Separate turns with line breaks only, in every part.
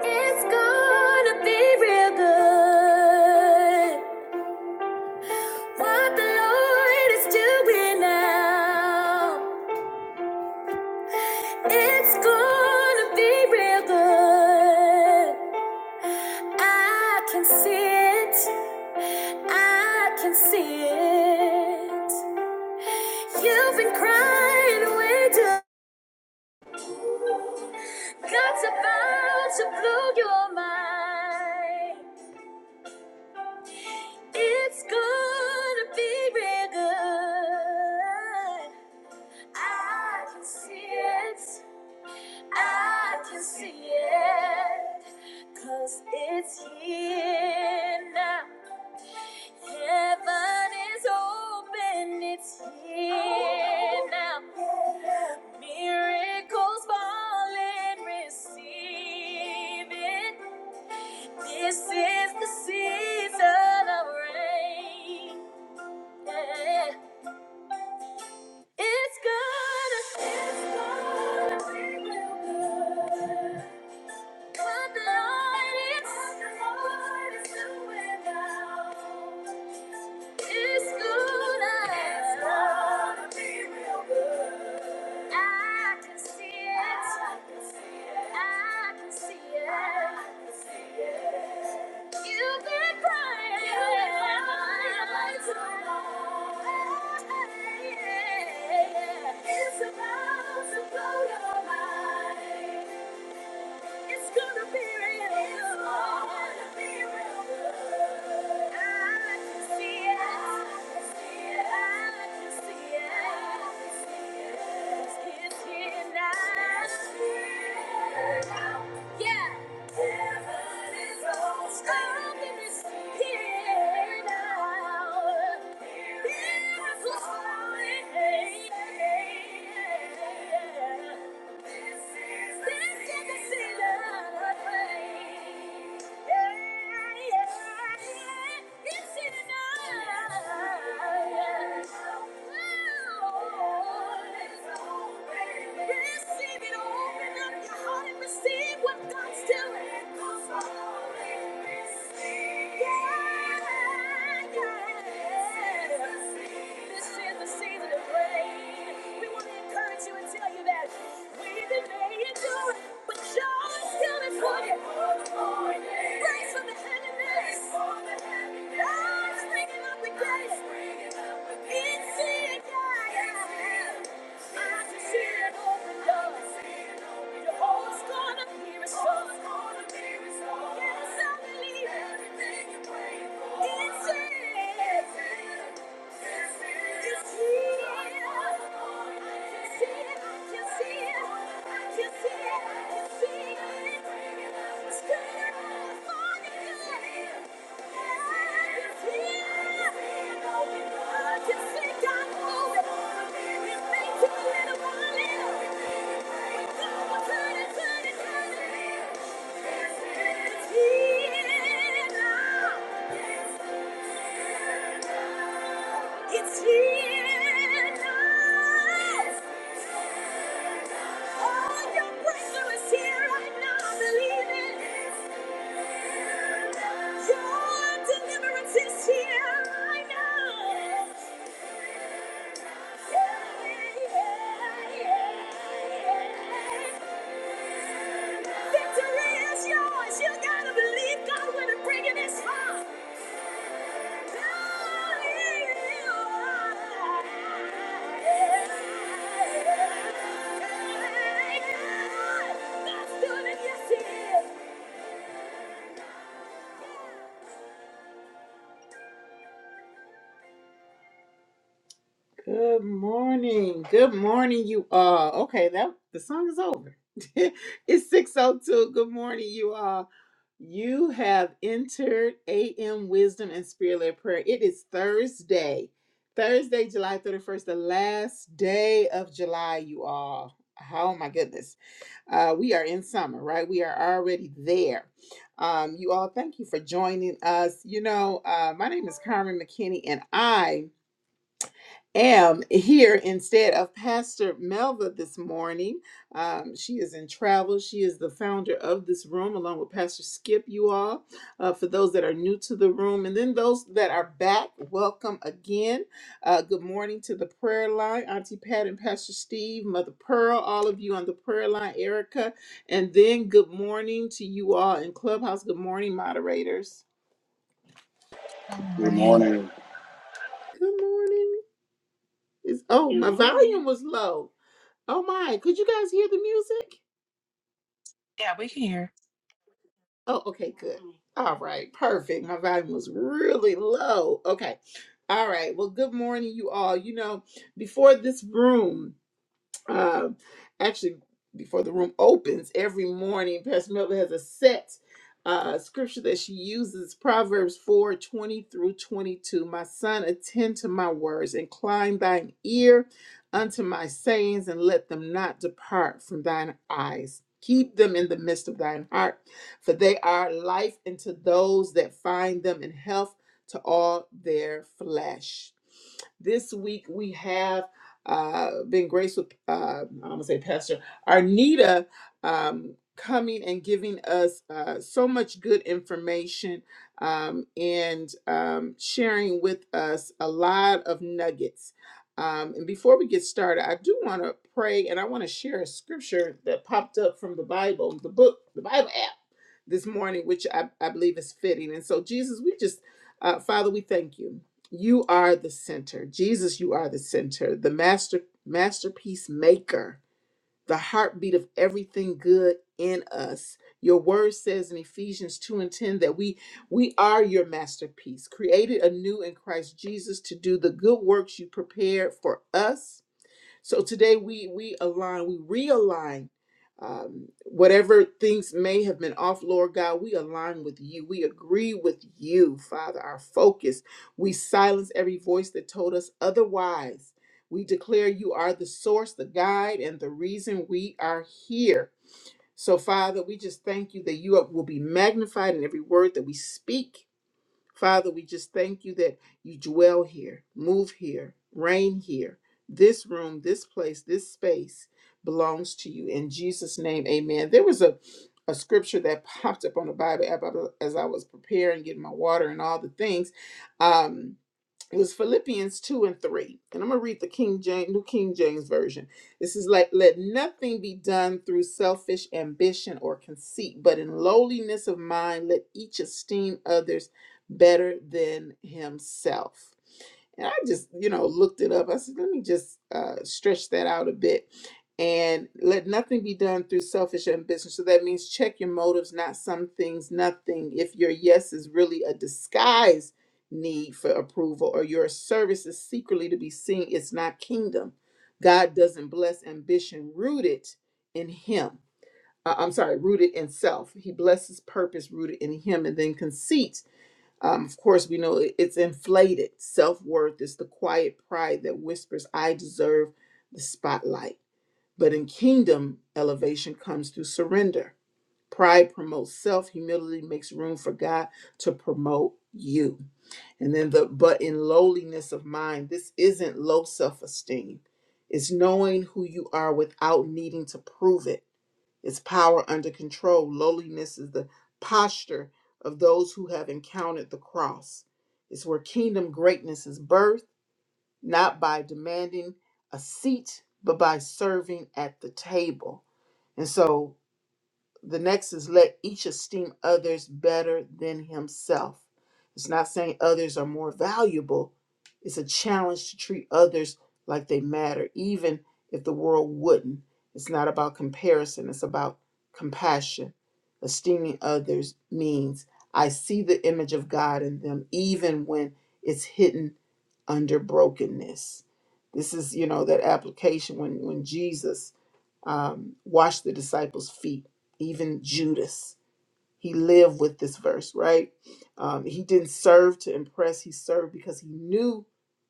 It's gonna be real good. What the Lord is doing now. It's gonna be real good. I can see it. I can see it. You've been crying away too. God's about to blow your mind. It's gonna be real good. I can see it. I can see it. 'Cause it's here now. Heaven is open. It's here now. Miracles fall and Receive it. This is the season of rain. It's gonna, it's gonna be good. What the Lord is, what the Lord is doing now. It's gonna, it's gonna be real good. I can see it. I can see it. You've been crying. so long. It's about to blow your mind. It's gonna be real. It's gonna be real. I can see it. I can see it. I can see it. I can see it. It's here now. It's here now. Yeah. Heaven is almost coming. It's here now. Miracles flowing. Yeah. Receive what God's doing. Yeah, yeah. This is the season of rain. God. We want to encourage you and tell you that we that made it good, but joy is coming for you. Praise for the heaviness. God's bringing up the gate. It's it, God. I can see it open doors. Your heart's gonna be restored. Yes, I believe. It's it. It's here now. it's here, Thank you. It's here now. All your breakthrough is here right now. Believe it. Your deliverance is here right now. Yeah, yeah, yeah, yeah. yeah. Victory is yours. You gotta believe God when He's bringing His fire. Good morning. Good morning, you all. Okay, that the song is over. it's 602. Good morning, you all. You have entered AM Wisdom and Spirit led Prayer. It is Thursday, Thursday, July 31st, the last day of July, you all. Oh my goodness. Uh, we are in summer, right? We are already there. Um, you all, thank you for joining us. You know, uh, my name is Carmen McKinney, and I am here instead of Pastor Melva this morning. Um, she is in travel. She is the founder of this room, along with Pastor Skip, you all. Uh, for those that are new to the room, and then those that are back, welcome again. Uh, good morning to the prayer line, Auntie Pat and Pastor Steve, Mother Pearl, all of you on the prayer line, Erica. And then good morning to you all in Clubhouse. Good morning, moderators.
Good
Good
morning.
morning.
Good morning. Is oh, my Good morning. volume was low. Oh my, could you guys hear the music?
Yeah, we can hear.
Oh, okay, good. All right, perfect. My volume was really low. Okay. All right. Well, good morning, you all. You know, before this room, um, actually before the room opens every morning pastor melvin has a set uh, scripture that she uses proverbs 4 20 through 22 my son attend to my words incline thine ear unto my sayings and let them not depart from thine eyes keep them in the midst of thine heart for they are life unto those that find them and health to all their flesh this week we have uh, been grace with, uh, I'm going to say Pastor Arnita um, coming and giving us uh, so much good information um, and um, sharing with us a lot of nuggets. Um, and before we get started, I do want to pray and I want to share a scripture that popped up from the Bible, the book, the Bible app this morning, which I, I believe is fitting. And so, Jesus, we just, uh, Father, we thank you. You are the center. Jesus, you are the center, the master masterpiece maker, the heartbeat of everything good in us. Your word says in Ephesians 2 and 10 that we we are your masterpiece, created anew in Christ Jesus to do the good works you prepared for us so today we we align, we realign um, whatever things may have been off, Lord God. We align with you. We agree with you, Father. Our focus. We silence every voice that told us otherwise. We declare you are the source, the guide, and the reason we are here. So, Father, we just thank you that you will be magnified in every word that we speak Father, we just thank you that you dwell here, move here, reign here. This room, this place, this space belongs to you. In Jesus' name, amen. There was a, a scripture that popped up on the Bible app as I was preparing, getting my water and all the things. Um, it was Philippians 2 and 3. And I'm going to read the King James, New King James Version. This is like, let nothing be done through selfish ambition or conceit, but in lowliness of mind, let each esteem others better than himself. And I just, you know, looked it up. I said, let me just uh, stretch that out a bit. And let nothing be done through selfish ambition. So that means check your motives, not some things, nothing. If your yes is really a disguise need for approval or your service is secretly to be seen, it's not kingdom. God doesn't bless ambition rooted in Him. Uh, I'm sorry, rooted in self. He blesses purpose rooted in Him and then conceit. Um, of course, we know it- it's inflated. Self worth is the quiet pride that whispers, I deserve the spotlight. But in kingdom, elevation comes through surrender. Pride promotes self, humility makes room for God to promote you. And then the but in lowliness of mind, this isn't low self esteem. It's knowing who you are without needing to prove it. It's power under control. Lowliness is the posture of those who have encountered the cross. It's where kingdom greatness is birthed, not by demanding a seat, but by serving at the table. And so the next is let each esteem others better than himself. It's not saying others are more valuable, it's a challenge to treat others like they matter, even if the world wouldn't. It's not about comparison, it's about compassion. Esteeming others means I see the image of God in them, even when it's hidden under brokenness. This is, you know, that application when, when Jesus um, wash the disciples' feet, even Judas. He lived with this verse, right? Um, he didn't serve to impress, he served because he knew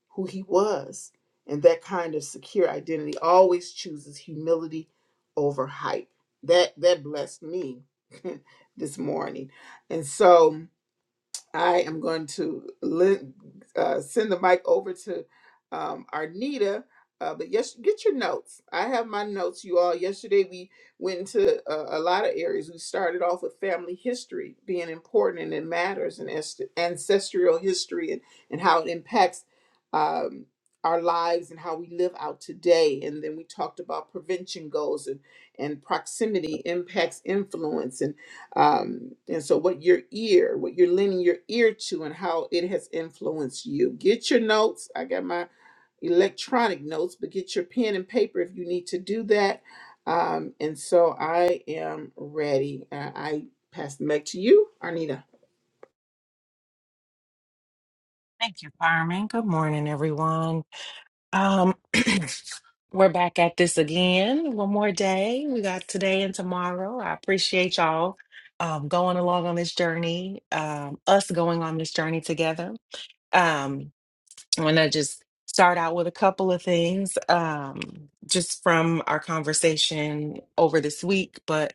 who he was. And that kind of secure identity always chooses humility over hype. That that blessed me this morning. And so I am going to li- uh, send the mic over to um, Arnita. Uh, but yes, get your notes. I have my notes, you all. Yesterday we went into uh, a lot of areas. We started off with family history being important and it matters, and est- ancestral history and, and how it impacts um, our lives and how we live out today. And then we talked about prevention goals and, and proximity impacts influence um, and so what your ear what you're lending your ear to and how it has influenced you get your notes i got my electronic notes but get your pen and paper if you need to do that um, and so i am ready uh, i pass it back to you arnita
Thank you, Carmen. Good morning, everyone. Um, we're back at this again. One more day. We got today and tomorrow. I appreciate y'all um, going along on this journey. Um, us going on this journey together. Um, I'm gonna just start out with a couple of things, um, just from our conversation over this week, but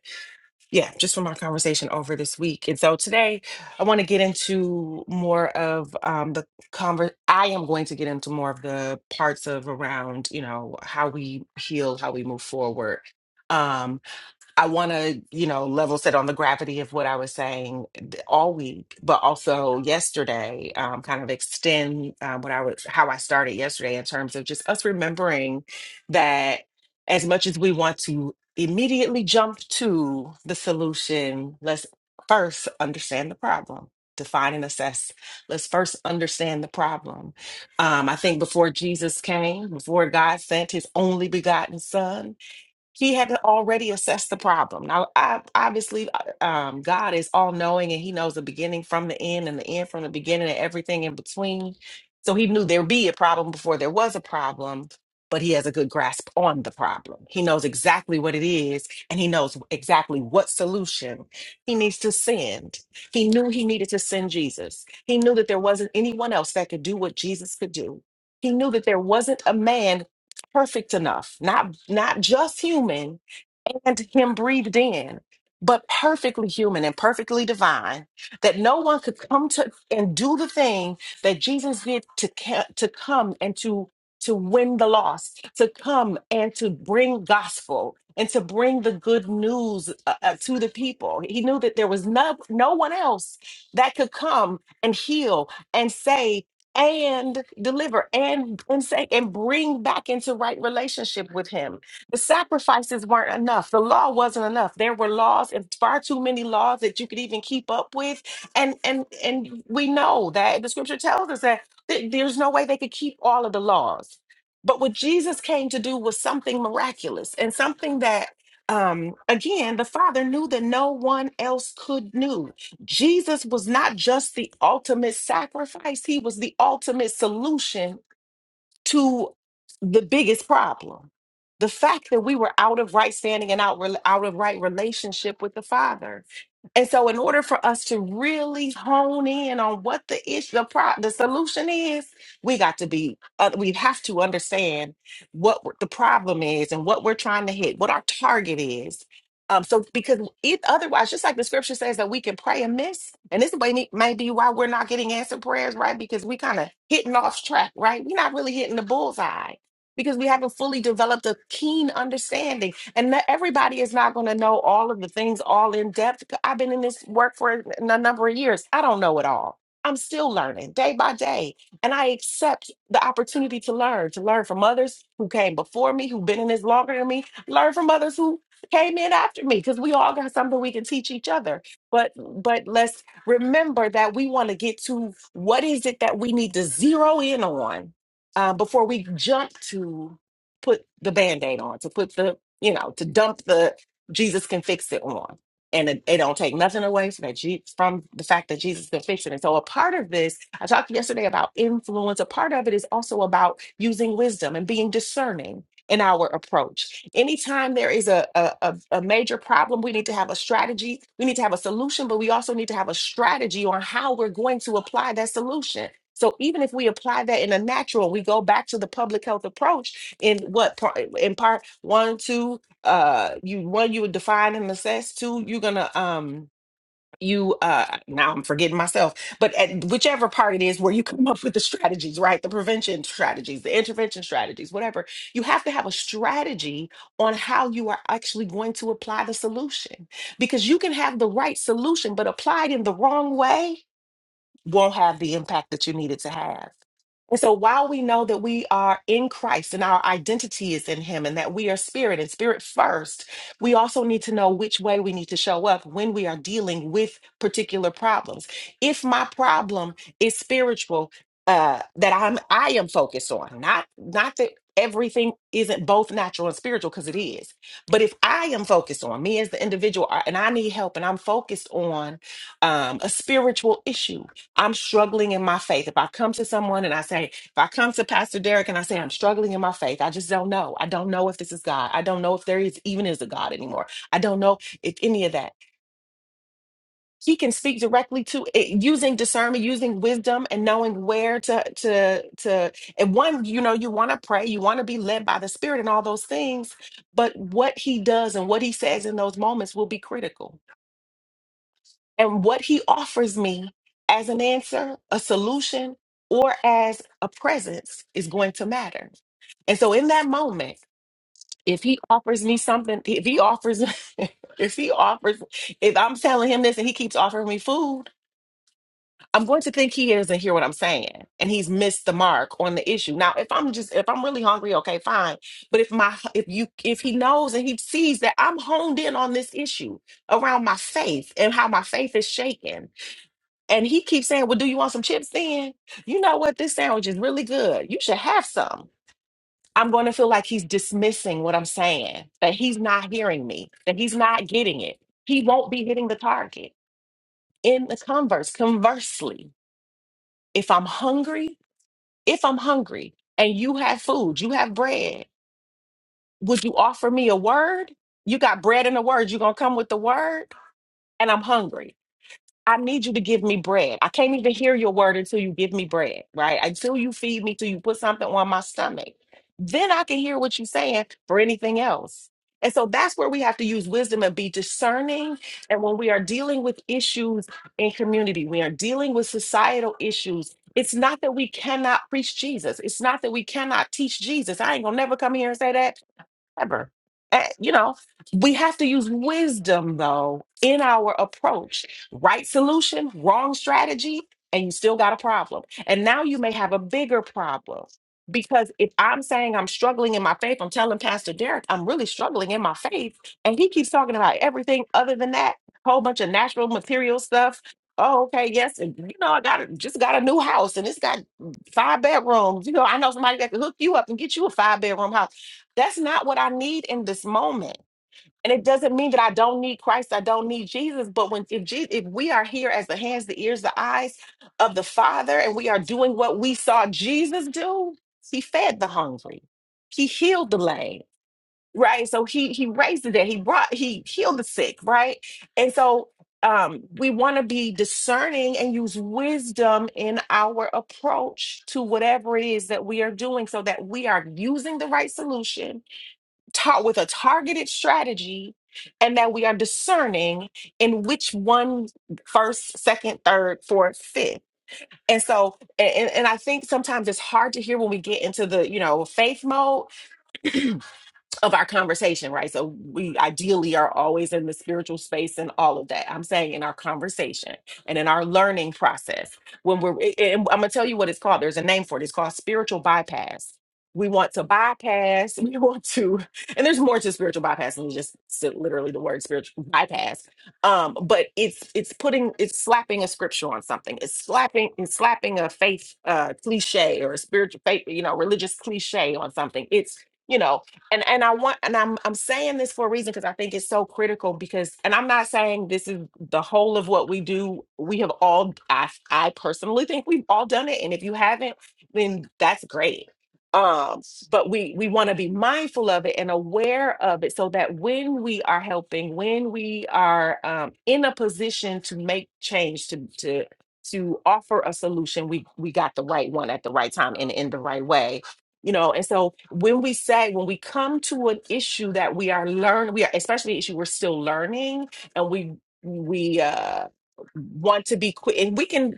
Yeah, just from our conversation over this week. And so today I want to get into more of um, the conver I am going to get into more of the parts of around, you know, how we heal, how we move forward. Um, I want to, you know, level set on the gravity of what I was saying d- all week, but also yesterday, um, kind of extend um, what I was, how I started yesterday in terms of just us remembering that as much as we want to immediately jump to the solution, let's first understand the problem. Define and assess. Let's first understand the problem. Um, I think before Jesus came, before God sent his only begotten son, he had already assessed the problem. Now, I, obviously, uh, um, God is all knowing and he knows the beginning from the end and the end from the beginning and everything in between. So he knew there'd be a problem before there was a problem, but he has a good grasp on the problem. He knows exactly what it is and he knows exactly what solution he needs to send. He knew he needed to send Jesus. He knew that there wasn't anyone else that could do what Jesus could do. He knew that there wasn't a man perfect enough, not not just human, and him breathed in, but perfectly human and perfectly divine, that no one could come to and do the thing that Jesus did to ca- to come and to to win the lost, to come and to bring gospel and to bring the good news uh, uh, to the people. He knew that there was no no one else that could come and heal and save and deliver and and say and bring back into right relationship with him the sacrifices weren't enough the law wasn't enough there were laws and far too many laws that you could even keep up with and and and we know that the scripture tells us that th- there's no way they could keep all of the laws but what jesus came to do was something miraculous and something that um again the father knew that no one else could knew Jesus was not just the ultimate sacrifice, he was the ultimate solution to the biggest problem. The fact that we were out of right standing and out, out of right relationship with the Father. And so, in order for us to really hone in on what the issue, the, pro- the solution is, we got to be, uh, we have to understand what the problem is and what we're trying to hit, what our target is. Um, so because it otherwise, just like the scripture says that we can pray amiss, and this may, may be why we're not getting answered prayers, right? Because we kind of hitting off track, right? We're not really hitting the bullseye because we haven't fully developed a keen understanding. And not everybody is not going to know all of the things all in depth. I've been in this work for a n- a number of years. I don't know it all. I'm still learning day by day. And I accept the opportunity to learn, to learn from others who came before me, who've been in this longer than me, learn from others who came in after me because we all got something we can teach each other. But but let's remember that we want to get to what is it that we need to zero in on uh, before we jump to put the band-aid on, to put the, you know, to dump the Jesus can fix it on. And it, it don't take nothing away from that Je- from the fact that Jesus can fix it. And so a part of this, I talked yesterday about influence. A part of it is also about using wisdom and being discerning in our approach. Anytime there is a, a, a, a major problem, we need to have a strategy. We need to have a solution, but we also need to have a strategy on how we're going to apply that solution. So even if we apply that in a natural, we go back to the public health approach in what part, in part one, two, uh, you one you would define and assess. Two, you're gonna um you uh now i'm forgetting myself but at whichever part it is where you come up with the strategies right the prevention strategies the intervention strategies whatever you have to have a strategy on how you are actually going to apply the solution because you can have the right solution but applied in the wrong way won't have the impact that you need it to have and so while we know that we are in Christ and our identity is in Him and that we are spirit and spirit first, we also need to know which way we need to show up when we are dealing with particular problems. If my problem is spiritual, uh, that I'm I am focused on, not not that everything isn't both natural and spiritual because it is. But if I am focused on me as the individual, uh, and I need help, and I'm focused on um, a spiritual issue I'm struggling in my faith. If I come to someone and I say, if I come to Pastor Derek and I say, I'm struggling in my faith, I just don't know. I don't know if this is God. I don't know if there is even is a God anymore. I don't know if any of that. He can speak directly to it using discernment, using wisdom, and knowing where to to to. And one, you know, you want to pray, you want to be led by the Spirit, and all those things. But what he does and what he says in those moments will be critical and what he offers me as an answer, a solution, or as a presence is going to matter. And so in that moment, if he offers me something, if he offers, if he offers, if I'm telling him this and he keeps offering me food, I'm going to think he doesn't hear what I'm saying and he's missed the mark on the issue. Now, if I'm just, if I'm really hungry, okay, fine. But if my, if you, if he knows and he sees that I'm honed in on this issue around my faith and how my faith is shaken and he keeps saying, Well, do you want some chips then? You know what? This sandwich is really good. You should have some. I'm going to feel like he's dismissing what I'm saying, that he's not hearing me, that he's not getting it. He won't be hitting the target. In the converse, conversely, if I'm hungry, if I'm hungry and you have food, you have bread, would you offer me a word? You got bread and a word. you going to come with the word, and I'm hungry. I need you to give me bread. I can't even hear your word until you give me bread, right? Until you feed me, till you put something on my stomach. Then I can hear what you're saying for anything else. And so that's where we have to use wisdom and be discerning. And when we are dealing with issues in community, we are dealing with societal issues. It's not that we cannot preach Jesus. It's not that we cannot teach Jesus. I ain't gonna never come here and say that ever. Eh, You know, we have to use wisdom though in our approach. Right solution, wrong strategy, and you still got a problem. And now you may have a bigger problem because if I'm saying I'm struggling in my faith, I'm telling Pastor Derek I'm really struggling in my faith, and he keeps talking about everything other than that, whole bunch of natural material stuff. Oh, okay, yes, and you know I got a- just got a new house, and it's got five bedrooms. You know I know somebody that can hook you up and get you a five bedroom house that's not what I need in this moment. And it doesn't mean that I don't need Christ, I don't need Jesus. But when if Je- if we are here as the hands, the ears, the eyes of the Father, and we are doing what we saw Jesus do, He fed the hungry, He healed the lame, right? So He He raised the dead, He brought He healed the sick, right? And so um, we want to be discerning and use wisdom in our approach to whatever it is that we are doing, so that we are using the right solution taught with a targeted strategy and that we are discerning in which one first, second, third, fourth, fifth. And so, and, and I think sometimes it's hard to hear when we get into the, you know, faith mode of our conversation, right? So we ideally are always in the spiritual space and all of that. I'm saying in our conversation and in our learning process. When we're, a- and I'm gonna tell you what it's called. There's a name for it. It's called spiritual bypass. We want to bypass. We want to, and there's more to spiritual bypass than just s- literally the word spiritual bypass. Um, but it's it's putting it's slapping a scripture on something. It's slapping it's slapping a faith uh, cliche or a spiritual faith, you know, religious cliche on something. It's you know and and I want and I'm I'm saying this for a reason because I think it's so critical because and I'm not saying this is the whole of what we do. We have all I I personally think we've all done it and if you haven't then that's great. Um but we we want to be mindful of it and aware of it so that when we are helping, when we are um in a position to make change to to to offer a solution, we we got the right one at the right time and in the right way you know and so when we say when we come to an issue that we are learn we are especially an issue we're still learning and we we uh want to be quick and we can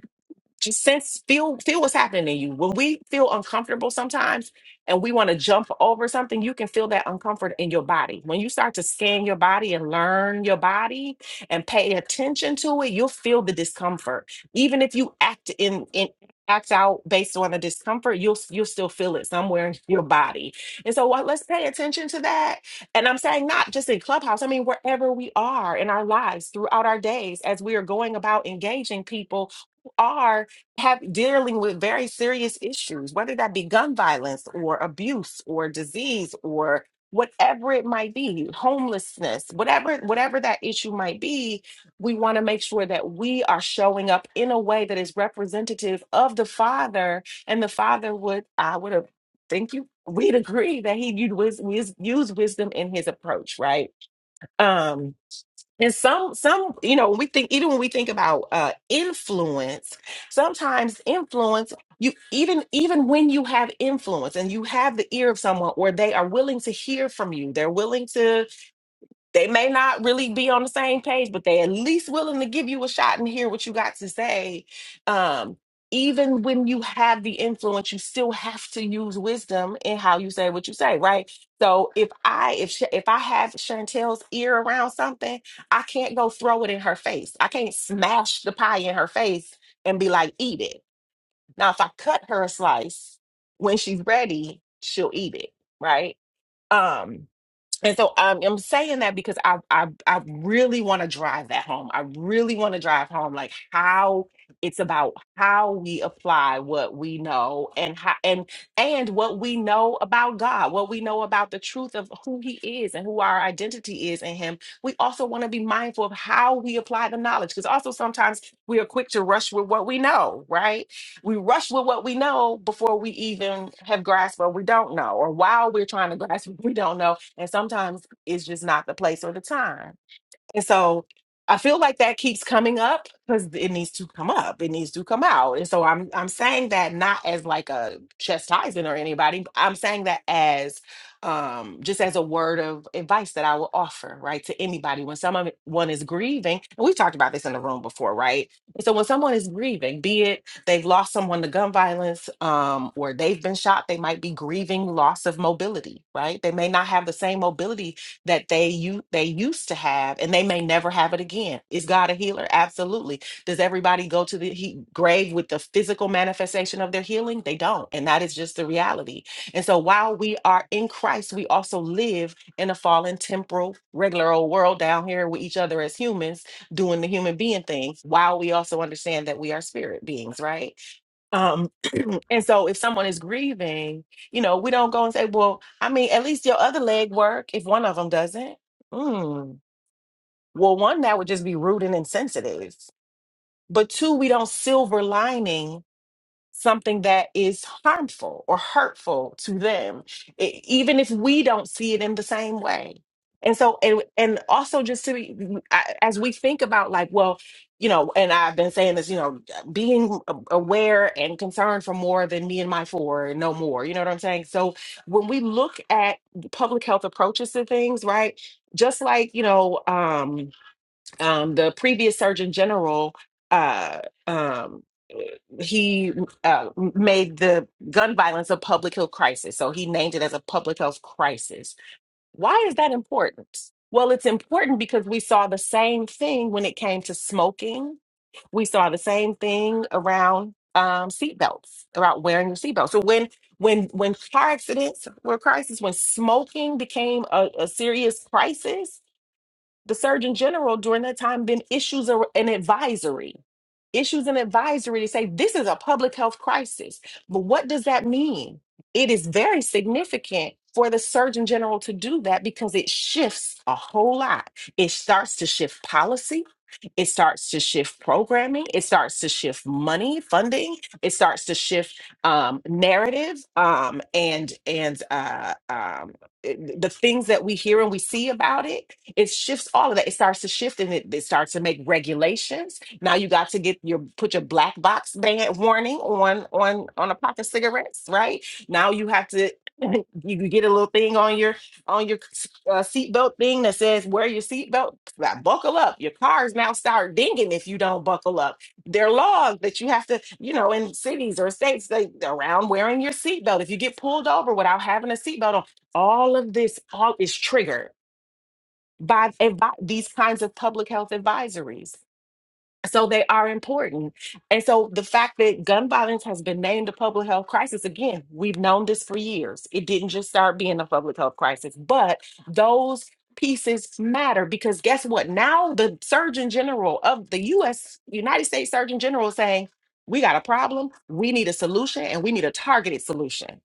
just sense feel feel what's happening in you when we feel uncomfortable sometimes and we want to jump over something you can feel that uncomfort in your body when you start to scan your body and learn your body and pay attention to it you'll feel the discomfort even if you act in in act out based on the discomfort you'll you'll still feel it somewhere in your body and so what let's pay attention to that and i'm saying not just in clubhouse i mean wherever we are in our lives throughout our days as we are going about engaging people are have dealing with very serious issues, whether that be gun violence or abuse or disease or whatever it might be, homelessness, whatever whatever that issue might be, we want to make sure that we are showing up in a way that is representative of the father. And the father would, I would have think you we'd agree that he used, wis- wis- used wisdom in his approach, right? Um and some, some, you know, when we think, even when we think about uh, influence, sometimes influence, you even, even when you have influence and you have the ear of someone where they are willing to hear from you, they're willing to they may not really be on the same page, but they at least willing to give you a shot and hear what you got to say. Um, even when you have the influence, you still have to use wisdom in how you say what you say, right? So if I if Sh- if I have Chantel's ear around something, I can't go throw it in her face. I can't smash the pie in her face and be like, "Eat it." Now, if I cut her a slice when she's ready, she'll eat it, right? Um, and so um, I'm saying that because I I I really want to drive that home. I really want to drive home like how it's about how we apply what we know and how and and what we know about God, what we know about the truth of who He is and who our identity is in Him. We also want to be mindful of how we apply the knowledge because also sometimes we are quick to rush with what we know, right? we rush with what we know before we even have grasped what we don't know, or while we're trying to grasp what we don't know and sometimes it's just not the place or the time. And so I feel like that keeps coming up because it needs to come up. It needs to come out. And so I'm I'm saying that not as like a chastising or anybody. I'm saying that as um just as a word of advice that I will offer, right, to anybody when someone one is grieving, and we've talked about this in the room before, right? And so when someone is grieving, be it they've lost someone to gun violence, um, or they've been shot, they might be grieving loss of mobility, right? They may not have the same mobility that they you they used to have and they may never have it again. Is God a healer? Absolutely. Does everybody go to the he- grave with the physical manifestation of their healing? They don't. And that is just the reality. And so while we are in Christ, we also live in a fallen temporal regular old world down here with each other as humans doing the human being things while we also understand that we are spirit beings, right? Um, and so if someone is grieving, you know, we don't go and say, well, I mean, at least your other leg work if one of them doesn't. Mm. Well, one, that would just be rude and insensitive. But two, we don't silver lining something that is harmful or hurtful to them, e- even if we don't see it in the same way. And so, and, and also just to be, I- as we think about like, well, you know, and I've been saying this, you know, being a- aware and concerned for more than me and my four and no more, you know what I'm saying? So when we look at public health approaches to things, right? Just like, you know, um, um, the previous Surgeon General, uh, um, he uh, made the gun violence a public health crisis. So he named it as a public health crisis. Why is that important? Well, it's important because we saw the same thing when it came to smoking. We saw the same thing around um, seatbelts, about wearing your seatbelt. So when when when car accidents were a crisis, when smoking became a, a serious crisis, the Surgeon General during that time then issues a, an advisory, issues an advisory to say this is a public health crisis. But what does that mean? It is very significant for the Surgeon General to do that because it shifts a whole lot. It starts to shift policy. It starts to shift programming. It starts to shift money, funding. It starts to shift um, narrative um, and and uh, um, it- the things that we hear and we see about it, it shifts all of that. It starts to shift and it, it starts to make regulations. Now you got to get your put your black box ban warning on on on a pack of cigarettes, right? Now you have to you can get a little thing on your on your uh, seatbelt thing that says wear your seatbelt, Like, buckle up. Your cars now start dinging if you don't buckle up. There are laws that you have to, you know, in cities or states they around wearing your seatbelt. If you get pulled over without having a seatbelt on all of this all is triggered by advi- these kinds of public health advisories so they are important. And so the fact that gun violence has been named a public health crisis, again, we've known this for years. It didn't just start being a public health crisis, but those pieces matter because guess what? Now the Surgeon General of the US, United States Surgeon General is saying, we got a problem, we need a solution, and we need a targeted solution.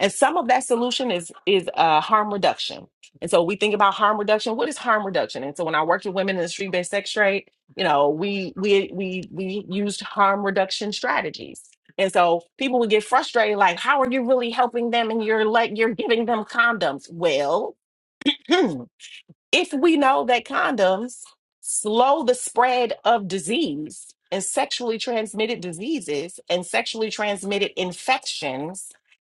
And some of that solution is is uh, harm reduction. And so we think about harm reduction. What is harm reduction? And so when I worked with women in the street-based sex trade, you know we we we we used harm reduction strategies and so people would get frustrated like how are you really helping them and you're like you're giving them condoms well if we know that condoms slow the spread of disease and sexually transmitted diseases and sexually transmitted infections,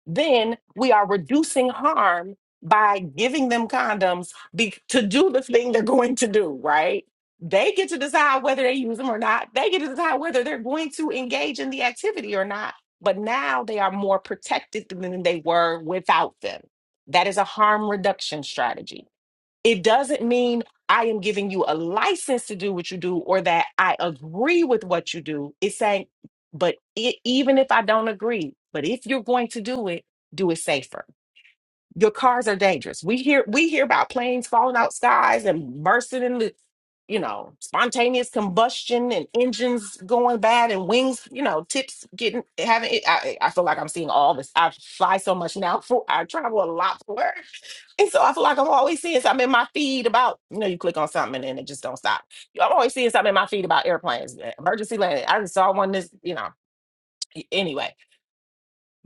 then we are reducing harm by giving them condoms be- to do the thing they're going to do, right? They get to decide whether they use them or not. They get to decide whether they're going to engage in the activity or not. But now they are more protected than they were without them. That is a harm reduction strategy. It doesn't mean I am giving you a license to do what you do or that I agree with what you do. It's saying, but it, even if I don't agree, but if you're going to do it, do it safer. Your cars are dangerous. We hear we hear about planes falling out skies and bursting in the, you know, spontaneous combustion and engines going bad and wings, you know, tips getting having. It, I I feel like I'm seeing all this. I fly so much now. For I travel a lot for work, and so I feel like I'm always seeing something in my feed about. You know, you click on something and then it just don't stop. I'm always seeing something in my feed about airplanes, emergency landing. I just saw one this, you know. Anyway,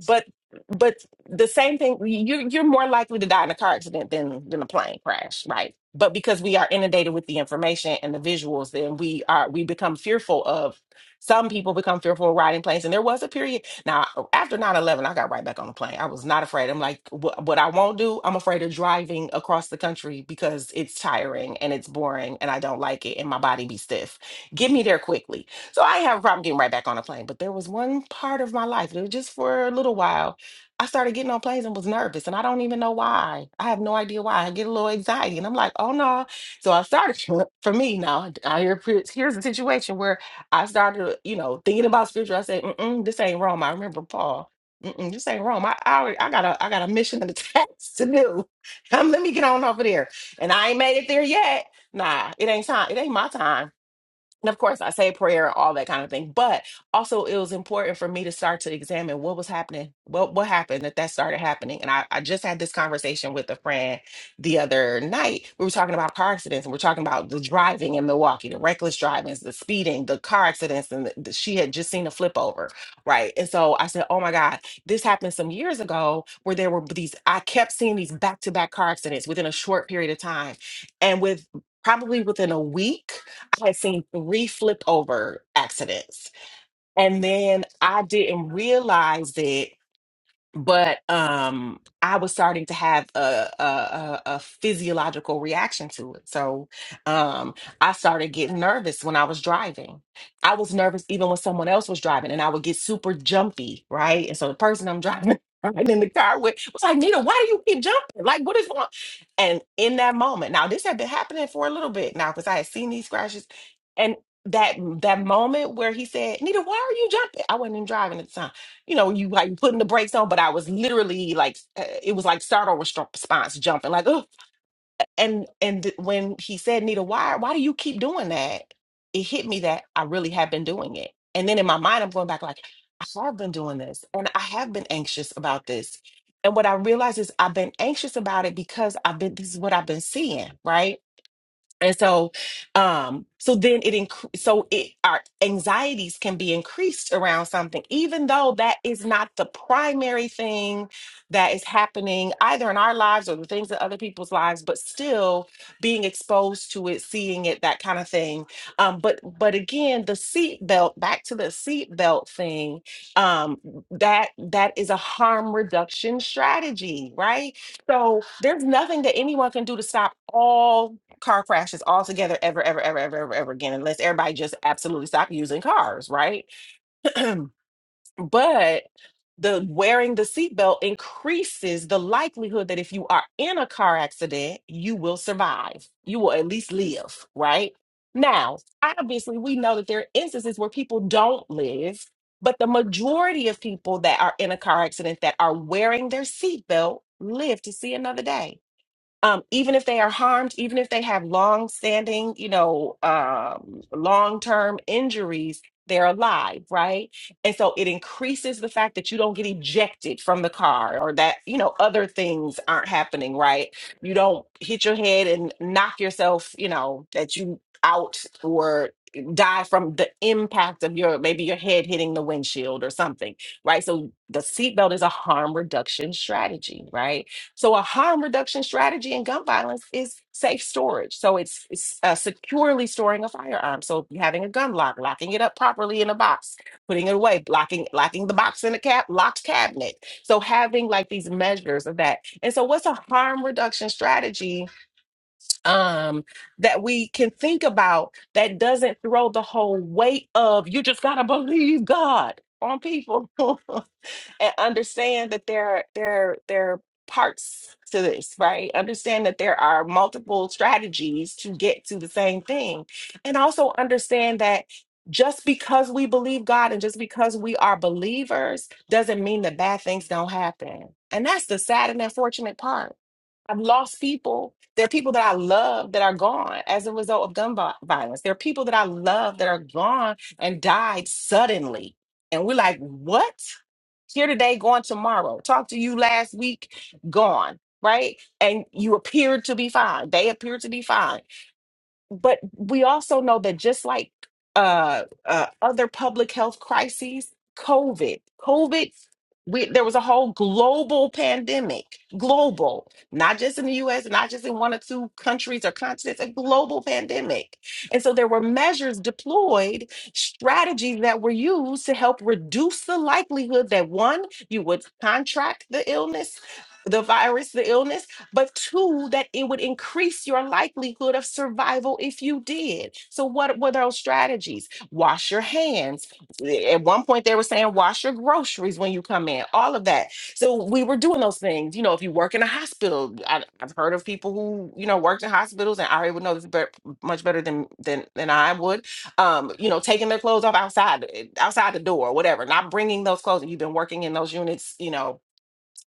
but but the same thing you're you're more likely to die in a car accident than than a plane crash right but because we are inundated with the information and the visuals then we are we become fearful of some people become fearful of riding planes and there was a period now after nine eleven, i got right back on the plane i was not afraid i'm like what, what i won't do i'm afraid of driving across the country because it's tiring and it's boring and i don't like it and my body be stiff get me there quickly so I didn't have a problem getting right back on a plane. But there was one part of my life, it was just for a little while. I started getting on planes and was nervous, and I don't even know why. I have no idea why. I get a little anxiety, and I'm like, oh no. So I started for me now. I hear here's a situation where I started, you know, thinking about scripture. I said, Mm-mm, this ain't Rome. I remember Paul. Mm-mm, this ain't Rome. I, I already- I got a I got a mission and a task to do. Um, let me get on over there. And I ain't made it there yet. Nah, it ain't time. It ain't my time and of course, I say a prayer, all that kind of thing. But also, it was important for me to start to examine what was happening, what what happened that that started happening. And I, I just had this conversation with a friend the other night. We were talking about car accidents, and we're talking about the driving in Milwaukee, the reckless drivings, the speeding, the car accidents, and the, the- she had just seen a flip over, right? And so I said, "Oh my God, this happened some years ago, where there were these. I kept seeing these back to back car accidents within a short period of time, and with probably within a week." I had seen three flip over accidents. And then I didn't realize it but um i was starting to have a a, a a physiological reaction to it so um i started getting nervous when i was driving i was nervous even when someone else was driving and i would get super jumpy right and so the person i'm driving right in the car with was like nita why do you keep jumping like what is wrong and in that moment now this had been happening for a little bit now because i had seen these crashes and that that moment where he said nita why are you jumping i wasn't even driving at the time you know, you like putting the brakes on, but I was literally like, uh, it was like startle restro- response jumping, like, oh. And and th- when he said, Nita, why why do you keep doing that? It hit me that I really have been doing it. And then in my mind, I'm going back like, I have been doing this, and I have been anxious about this. And what I realized is I've been anxious about it because I've been this is what I've been seeing, right? and so um so then it inc- so it our anxieties can be increased around something even though that is not the primary thing that is happening either in our lives or the things in other people's lives but still being exposed to it seeing it that kind of thing um but but again the seatbelt. back to the seatbelt thing um that that is a harm reduction strategy right so there's nothing that anyone can do to stop all car crashes altogether ever, ever, ever, ever, ever, ever again, unless everybody just absolutely stop using cars, right? but the wearing the seatbelt increases the likelihood that if you are in a car accident, you will survive. You will at least live, right? Now, obviously, we know that there are instances where people don't live, but the majority of people that are in a car accident that are wearing their seatbelt live to see another day um, even if they are harmed, even if they have long-standing, you know, um, long-term injuries, they're alive, right? And so it increases the fact that you don't get ejected from the car or that, you know, other things aren't happening, right? You don't hit your head and knock yourself, you know, that you out or die from the impact of your maybe your head hitting the windshield or something, right? So the seatbelt is a harm reduction strategy, right? So a harm reduction strategy in gun violence is safe storage. So it's, it's uh, securely storing a firearm. So having a gun lock, locking it up properly in a box, putting it away, locking locking the box in a cap locked cabinet. So having like these measures of that. And so what's a harm reduction strategy um, that we can think about that doesn't throw the whole weight of you just gotta believe God on people and understand that there there there are parts to this right understand that there are multiple strategies to get to the same thing and also understand that just because we believe god and just because we are believers doesn't mean that bad things don't happen and that's the sad and unfortunate part i've lost people there are people that i love that are gone as a result of gun vi- violence there are people that i love that are gone and died suddenly and we're like what here today, gone tomorrow. Talked to you last week, gone, right? And you appeared to be fine. They appeared to be fine but we also know that just like uh, uh other public health crises covid covid we, there was a whole global pandemic global not just in the us not just in one or two countries or continents a global pandemic and so there were measures deployed strategies that were used to help reduce the likelihood that one you would contract the illness the virus the illness but two, that it would increase your likelihood of survival if you did. So, what were those strategies? Wash your hands. At one point, they were saying wash your groceries when you come in, all of that. So, we were doing those things. You know, if you work in a hospital, I, I've heard of people who, you know, worked in hospitals, and Ari would know this bet- much better than, than, than I would um, you know, taking their clothes off outside, eh, outside the door, whatever, not bringing those clothes. You've been working in those units, you know,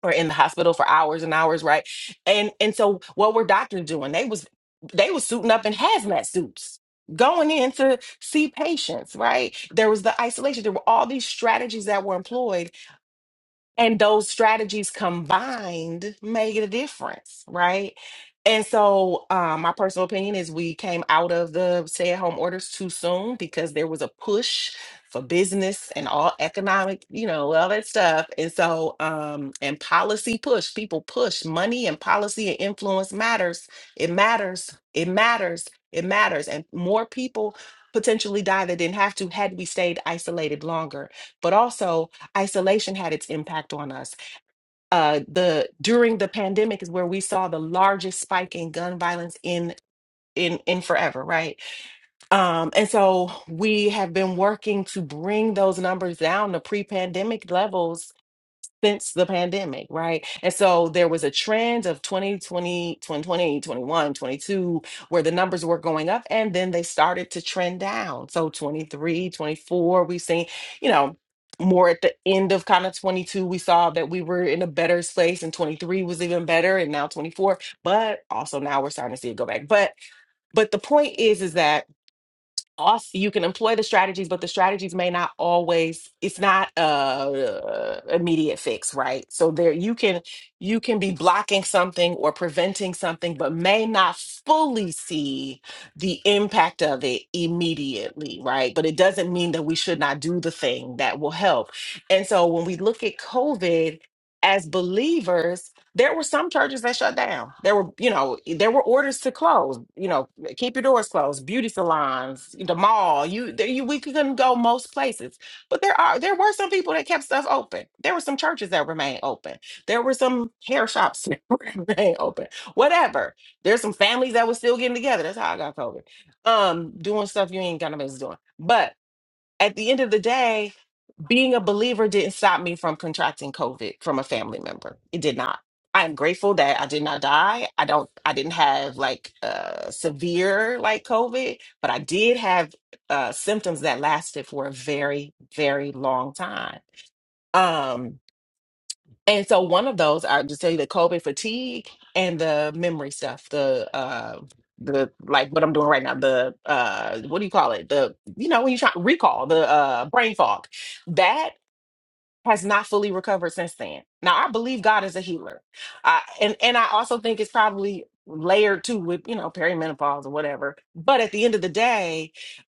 or in the hospital for hours and hours, right? And and so what were doctors doing? They was they was suiting up in hazmat suits, going in to see patients, right? There was the isolation. There were all these strategies that were employed and those strategies combined made a difference right and so um, my personal opinion is we came out of the stay-at-home orders too soon because there was a push for business and all economic you know all that stuff and so um, and policy push people push money and policy and influence matters it matters it matters it matters and more people potentially die that didn't have to had we stayed isolated longer but also isolation had its impact on us. Uh, the during the pandemic is where we saw the largest spike in gun violence in in in forever, right? Um, and so we have been working to bring those numbers down to pre-pandemic levels since the pandemic, right? And so there was a trend of 2020 2020 21 22 where the numbers were going up and then they started to trend down. So twenty we've seen, you know, more at the end of kind of 22, we saw that we were in a better place, and 23 was even better and now 24, but also now we're starting to see it go back. But but the point is is that also you can employ the strategies but the strategies may not always it's not a immediate fix right so there you can you can be blocking something or preventing something but may not fully see the impact of it immediately right but it doesn't mean that we should not do the thing that will help and so when we look at covid as believers there were some churches that shut down there were you know there were orders to close you know keep your doors closed beauty salons the mall you, there, you we couldn't go most places but there are there were some people that kept stuff open there were some churches that remained open there were some hair shops that remained open whatever there's some families that were still getting together that's how i got covid um doing stuff you ain't gonna miss doing but at the end of the day being a believer didn't stop me from contracting COVID from a family member. It did not. I am grateful that I did not die. I don't. I didn't have like uh, severe like COVID, but I did have uh, symptoms that lasted for a very, very long time. Um, and so one of those, I just tell you the COVID fatigue and the memory stuff. The uh, the like what I'm doing right now. The uh, what do you call it? The you know when you try recall the uh, brain fog that has not fully recovered since then. Now I believe God is a healer, I, and and I also think it's probably layered too with you know perimenopause or whatever. But at the end of the day,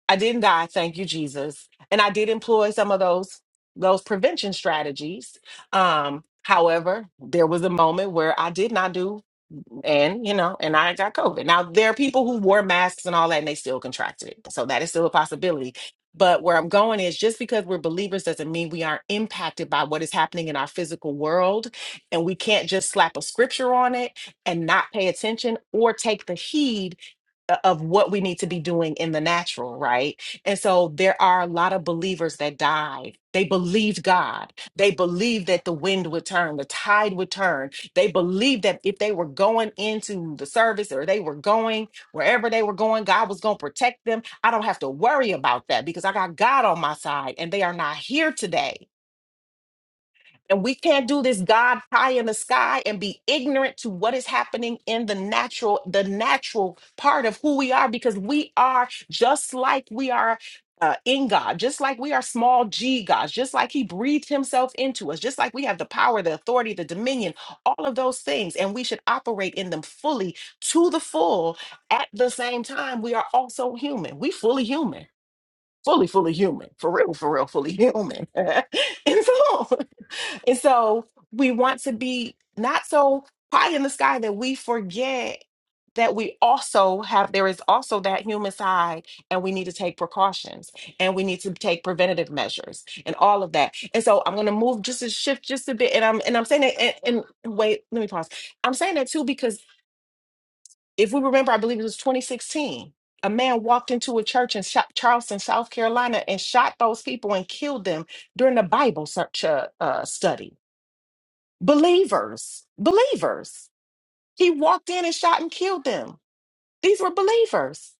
I didn't die, thank you Jesus, and I did employ some of those those prevention strategies. Um, however, there was a moment where I did not do and you know, and I got COVID. Now there are people who wore masks and all that, and they still contracted it. So that is still a possibility. But where I'm going is just because we're believers doesn't mean we aren't impacted by what is happening in our physical world. And we can't just slap a scripture on it and not pay attention or take the heed o- of what we need to be doing in the natural, right? And so there are a lot of believers that died. They believed God. They believed that the wind would turn, the tide would turn they believed that if they were going into the service or they were going wherever they were going, God was going to protect them. I don't have to worry about that because I got God on my side and they are not here today. And we can't do this God pie in the sky and be ignorant to what is happening in the natural, the natural part of who we are, because we are just like we are. Uh, in God, just like we are small g gods, just like He breathed Himself into us, just like we have the power, the authority, the dominion, all of those things, and we should operate in them fully to the full. At the same time, we are also human. We fully human fully, fully human, for real, for real, fully human. and so, and so we want to be not so high in the sky that we forget that we also have there is also that human side and we need to take precautions and we need to take preventative measures and all of that and so i'm going to move just a shift just a bit and i'm and i'm saying that and, and wait let me pause i'm saying that too because if we remember, I believe it was 2016, a man walked into a church in Sha- Charleston, South Carolina, and shot those people and killed them during the Bible search uh, uh, study. Believers, believers. He walked in and shot and killed them. These were believers.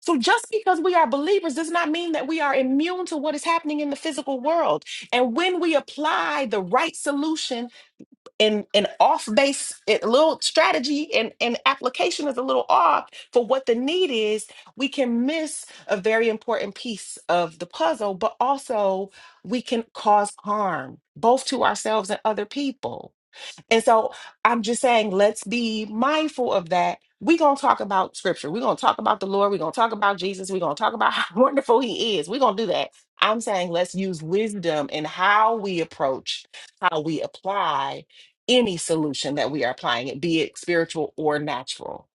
So just because we are believers does not mean that we are immune to what is happening in the physical world. And when we apply the right solution and an off base a little strategy and, and application is a little off for what the need is we can miss a very important piece of the puzzle but also we can cause harm both to ourselves and other people and so I'm just saying, let's be mindful of that. We're going to talk about scripture. We're going to talk about the Lord. We're going to talk about Jesus. We're going to talk about how wonderful he is. We're going to do that. I'm saying, let's use wisdom in how we approach, how we apply any solution that we are applying it, be it spiritual or natural.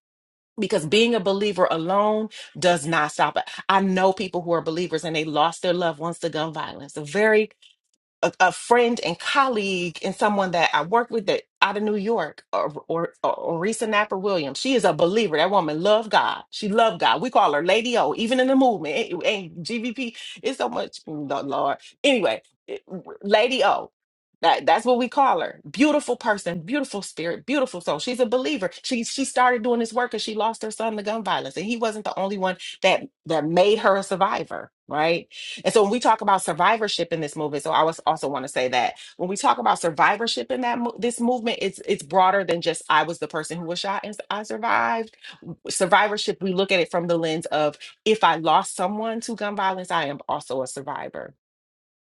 Because being a believer alone does not stop it. I know people who are believers and they lost their loved ones to gun violence. A very a, a friend and colleague and someone that I work with that out of New York, or or Orisa Napper Williams. She is a believer. That woman loved God. She loved God. We call her Lady O, even in the movement. Ain't ain't GVP. It's so much, mm, the Lord. Anyway, it- Lady O. That, that's what we call her. Beautiful person, beautiful spirit, beautiful soul. She's a believer. She she started doing this work because she lost her son to gun violence, and he wasn't the only one that that made her a survivor, right? And so when we talk about survivorship in this movement, so I was also want to say that when we talk about survivorship in that mo- this movement, it's it's broader than just I was the person who was shot and s- I survived. Survivorship, we look at it from the lens of if I lost someone to gun violence, I am also a survivor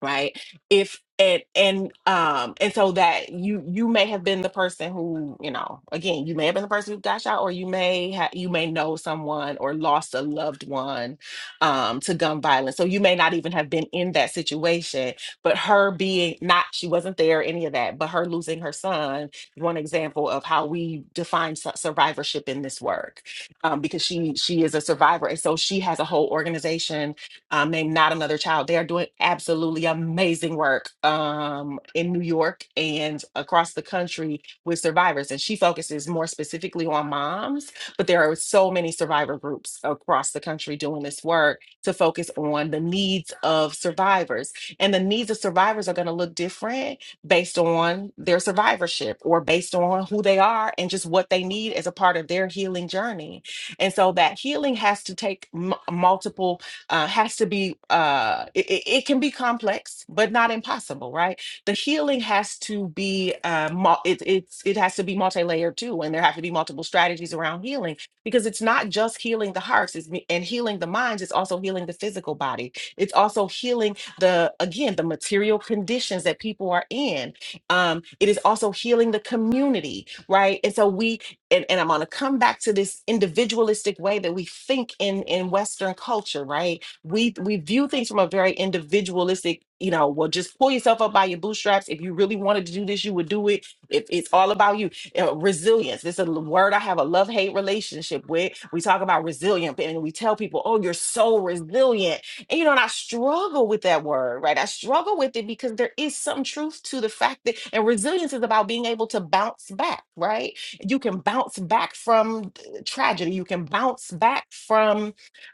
right if and and um and so that you you may have been the person who you know again you may have been the person who got shot or you may have you may know someone or lost a loved one um to gun violence so you may not even have been in that situation but her being not she wasn't there any of that but her losing her son one example of how we define su- survivorship in this work um because she she is a survivor and so she has a whole organization um, named Not Another Child. They are doing absolutely amazing work um, in New York and across the country with survivors. And she focuses more specifically on moms, but there are so many survivor groups across the country doing this work to focus on the needs of survivors. And the needs of survivors are going to look different based on their survivorship or based on who they are and just what they need as a part of their healing journey. And so that healing has to take m- multiple uh, has to be uh, it, it it can be complex but not impossible right the healing has to be uh, mul- it, it's it has to be multi-layered too and there have to be multiple strategies around healing because it's not just healing the hearts it's, me- and healing the minds it's also healing the physical body it's also healing the again the material conditions that people are in um, it is also healing the community right and so we and, and i'm going to come back to this individualistic way that we think in in western culture right we we view things from a very individualistic you know well just pull yourself up by your bootstraps if you really wanted to do this you would do it if it's all about you Uh, resilience this is a word i have a love hate relationship with we talk about resilient and we tell people oh you're so resilient and you know and i struggle with that word right i struggle with it because there is some truth to the fact that and resilience is about being able to bounce back right you can bounce back from uh, tragedy you can bounce back from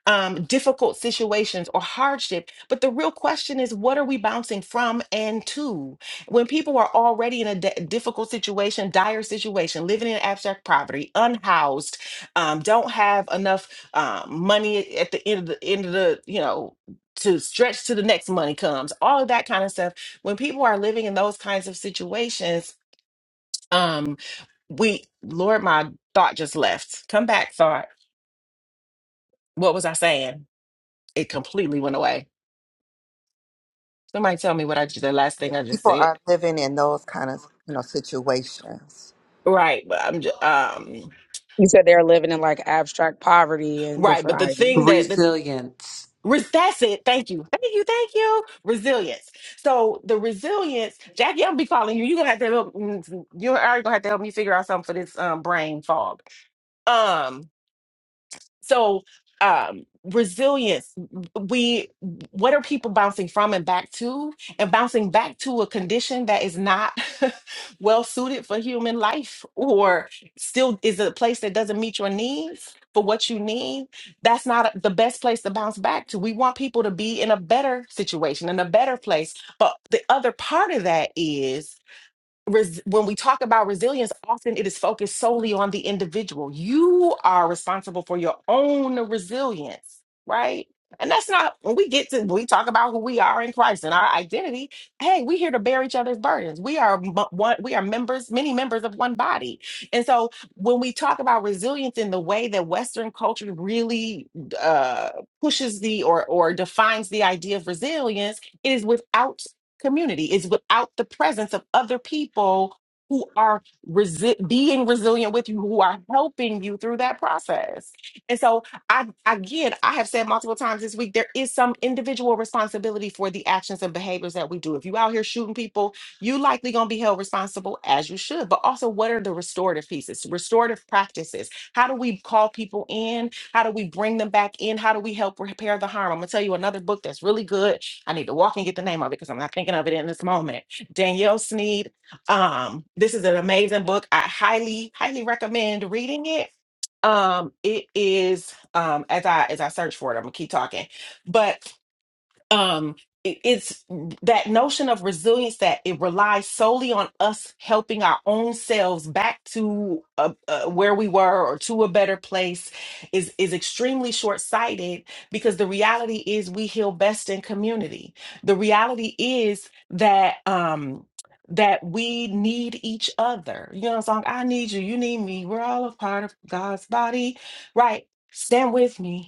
um, difficult situations or hardship. But the real question is, what are we bouncing from and to? When people are already in a di- difficult situation, dire situation, living in abstract poverty, unhoused, um, don't have enough um, money at the end of the end of the you know to stretch to the next money comes, all of that kind of stuff. When people are living in those kinds of situations, um, we Lord, my thought just left. Come back, thought. What was I saying? It completely went away Somebody tell me what I just the last thing
when
I just
people
said.
are living in those kind of you know situations.
Right, but I'm just um
You said they're living in like abstract poverty and
right, but
different
the thing
items.
that the
Resilience.
res- that's it. Thank you, thank you, thank you. Resilience. So the resilience, Jackie, I'll be calling you. You're gonna have to help. mm, You are gonna have to help me figure out something for this um brain fog. Um, so um resilience we what are people bouncing from and back to and bouncing back to a condition that is not well suited for human life or still is a place that doesn't meet your needs for what you need that's not the best place to bounce back to we want people to be in a better situation in a better place but the other part of that is res- when we talk about resilience, often it is focused solely on the individual. You are responsible for your own resilience, right? And that's not when we get to when we talk about who we are in Christ and our identity. Hey, we here to bear each other's burdens. We are m- one. We are members, many members of one body. And so when we talk about resilience in the way that Western culture really uh, pushes the or or defines the idea of resilience, it is without community is without the presence of other people who are resi- being resilient with you who are helping you through that process and so i again i have said multiple times this week there is some individual responsibility for the actions and behaviors that we do if you out here shooting people you likely going to be held responsible as you should but also what are the restorative pieces restorative practices how do we call people in how do we bring them back in how do we help repair the harm i'm going to tell you another book that's really good I need to walk and get the name of it because I'm not thinking of it in this moment. Danielle Sneed. Um, this is an amazing book. I highly, highly recommend reading it. Um, it is um as I as I search for it, I'm gonna keep talking. But um it- it's that notion of resilience that it relies solely on us helping our own selves back to uh, uh, where we were or to a better place is is extremely short-sighted because the reality is we heal best in community the reality is that um that we need each other you know the song i need you you need me we're all a part of god's body right stand with me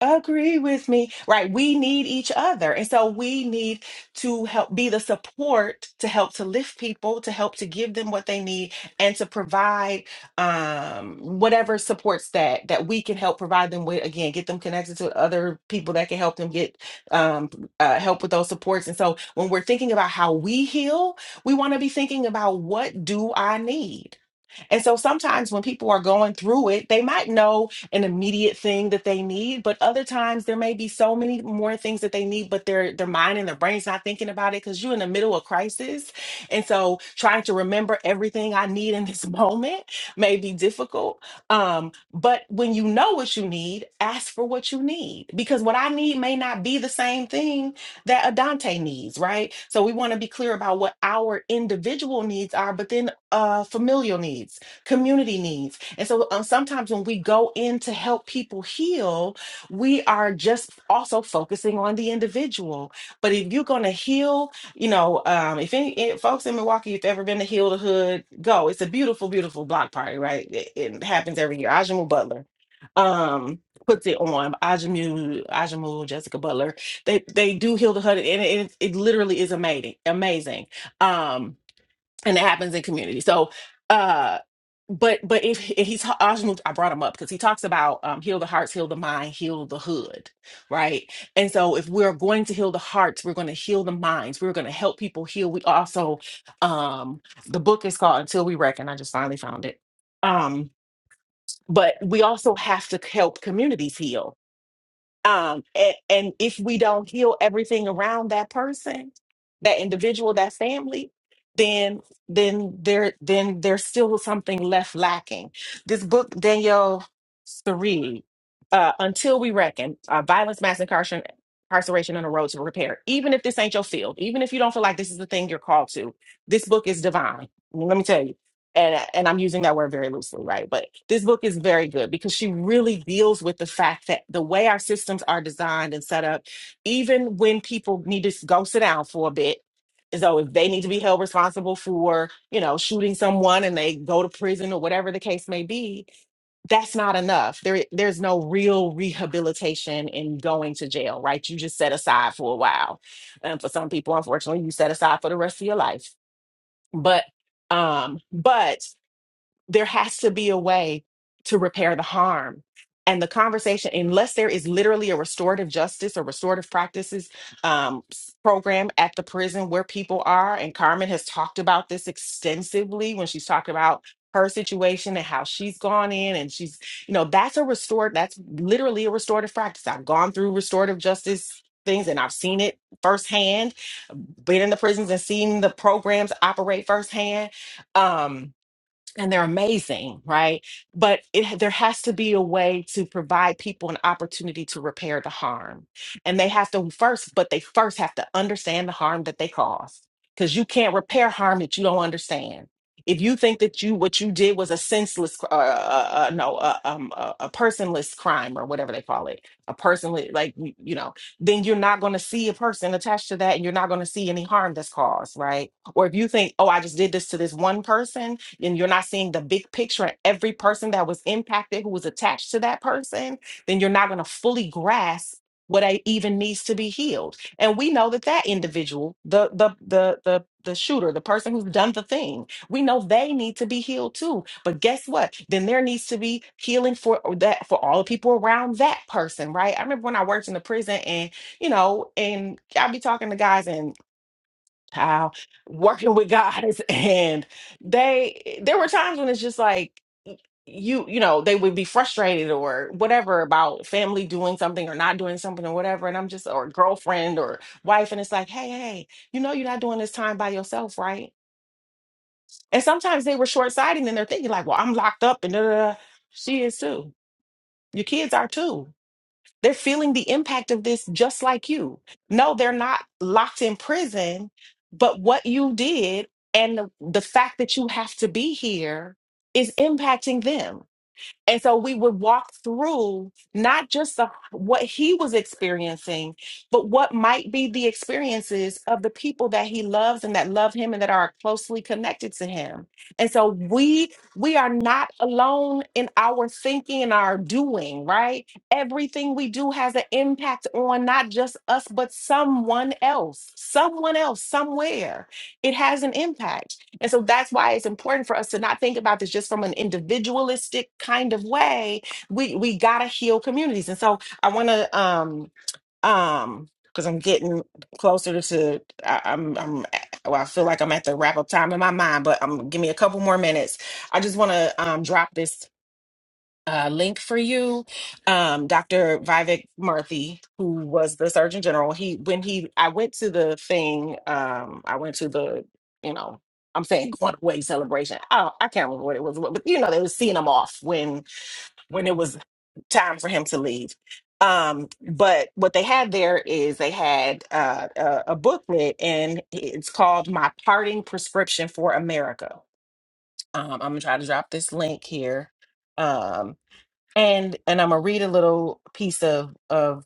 Agree with me. Right. We need each other. And so we need to help be the support to help to lift people, to help to give them what they need and to provide um whatever supports that that we can help provide them with. Again, get them connected to other people that can help them get um uh, help with those supports. And so when we're thinking about how we heal, we want to be thinking about what do I need? And so sometimes when people are going through it, they might know an immediate thing that they need, but other times there may be so many more things that they need, but their their mind and their brain's not thinking about it because you're in the middle of crisis. And so trying to remember everything I need in this moment may be difficult. Um, but when you know what you need, ask for what you need because what I need may not be the same thing that Adante needs, right? So we want to be clear about what our individual needs are, but then uh, familial needs community needs. And so um, sometimes when we go in to help people heal, we are just also focusing on the individual. But if you're going to heal, you know, um, if any if folks in Milwaukee, if you've ever been to Heal the Hood, go. It's a beautiful, beautiful block party, right? It, it happens every year. Ajamu Butler um, puts it on. Ajamu, Ajamu, Jessica Butler. They they do Heal the Hood, and it, it, it literally is amazing. Amazing. Um, and it happens in community. So, uh, but but if and he's Ajnul, I brought him up because he talks about um, heal the hearts, heal the mind, heal the hood, right? And so, if we're going to heal the hearts, we're going to heal the minds. We're going to help people heal. We also, um, the book is called Until We Reckon. I just finally found it. Um, but we also have to help communities heal um and, and if we don't heal everything around that person that individual that family then then there then there's still something left lacking this book danielle Saree, uh until we reckon uh, violence mass incarceration incarceration on the road to repair even if this ain't your field even if you don't feel like this is the thing you're called to this book is divine let me tell you and and I'm using that word very loosely, right? But this book is very good because she really deals with the fact that the way our systems are designed and set up, even when people need to s- go sit down for a bit, so if they need to be held responsible for, you know, shooting someone and they go to prison or whatever the case may be, that's not enough. There there's no real rehabilitation in going to jail, right? You just set aside for a while. And for some people, unfortunately, you set aside for the rest of your life. But um, but there has to be a way to repair the harm. And the conversation, unless there is literally a restorative justice or restorative practices um, s- program at the prison where people are, and Carmen has talked about this extensively when she's talked about her situation and how she's gone in and she's, you know, that's a restored, that's literally a restorative practice. I've gone through restorative justice things and I've seen it firsthand, been in the prisons and seen the programs operate firsthand. Um, and they're amazing, right? But it, there has to be a way to provide people an opportunity to repair the harm. And they have to first, but they first have to understand the harm that they caused because you can't repair harm that you don't understand. If you think that you what you did was a senseless, cr- uh, uh, uh, no, uh, um, uh, a personless crime or whatever they call it, a personless, like you you know, then you're not going to see a person attached to that, and you're not going to see any harm that's caused, right? Or if you think, oh, I just did this to this one person, and you're not seeing the big picture and every person that was impacted who was attached to that person, then you're not going to fully grasp what I even needs to be healed. And we know that that individual, the the the the the shooter, the person who's done the thing, we know they need to be healed too. But guess what? Then there needs to be healing for that for all the people around that person, right? I remember when I worked in the prison and you know, and I'd be talking to guys and child working with guys and they there were times when it's just like you you know they would be frustrated or whatever about family doing something or not doing something or whatever and i'm just or girlfriend or wife and it's like hey hey you know you're not doing this time by yourself right and sometimes they were short-sighted and they're thinking like well i'm locked up and da, da, da. she is too your kids are too they're feeling the impact of this just like you. No, they're not locked in prison, but what you did and the, the fact that you have to be here is impacting them. And so we would walk through not just the, what he was experiencing, but what might be the experiences of the people that he loves and that love him and that are closely connected to him. And so we we are not alone in our thinking and our doing, right? Everything we do has an impact on not just us, but someone else, someone else, somewhere. It has an impact. And so that's why it's important for us to not think about this just from an individualistic kind of way. We we gotta heal communities. And so I wanna um um because I'm getting closer to I, I'm I'm well, I feel like I'm at the wrap up time in my mind, but I'm give me a couple more minutes. I just wanna um drop this uh, link for you. Um, Dr. Vivek Murthy, who was the Surgeon General, he when he I went to the thing, um, I went to the, you know, I'm saying going away celebration. Oh, I can't remember what it was, but you know, they were seeing him off when when it was time for him to leave. Um, but what they had there is they had uh, a, a booklet, and it's called "My Parting Prescription for America." Um, I'm gonna try to drop this link here Um, and and I'm gonna read a little piece of of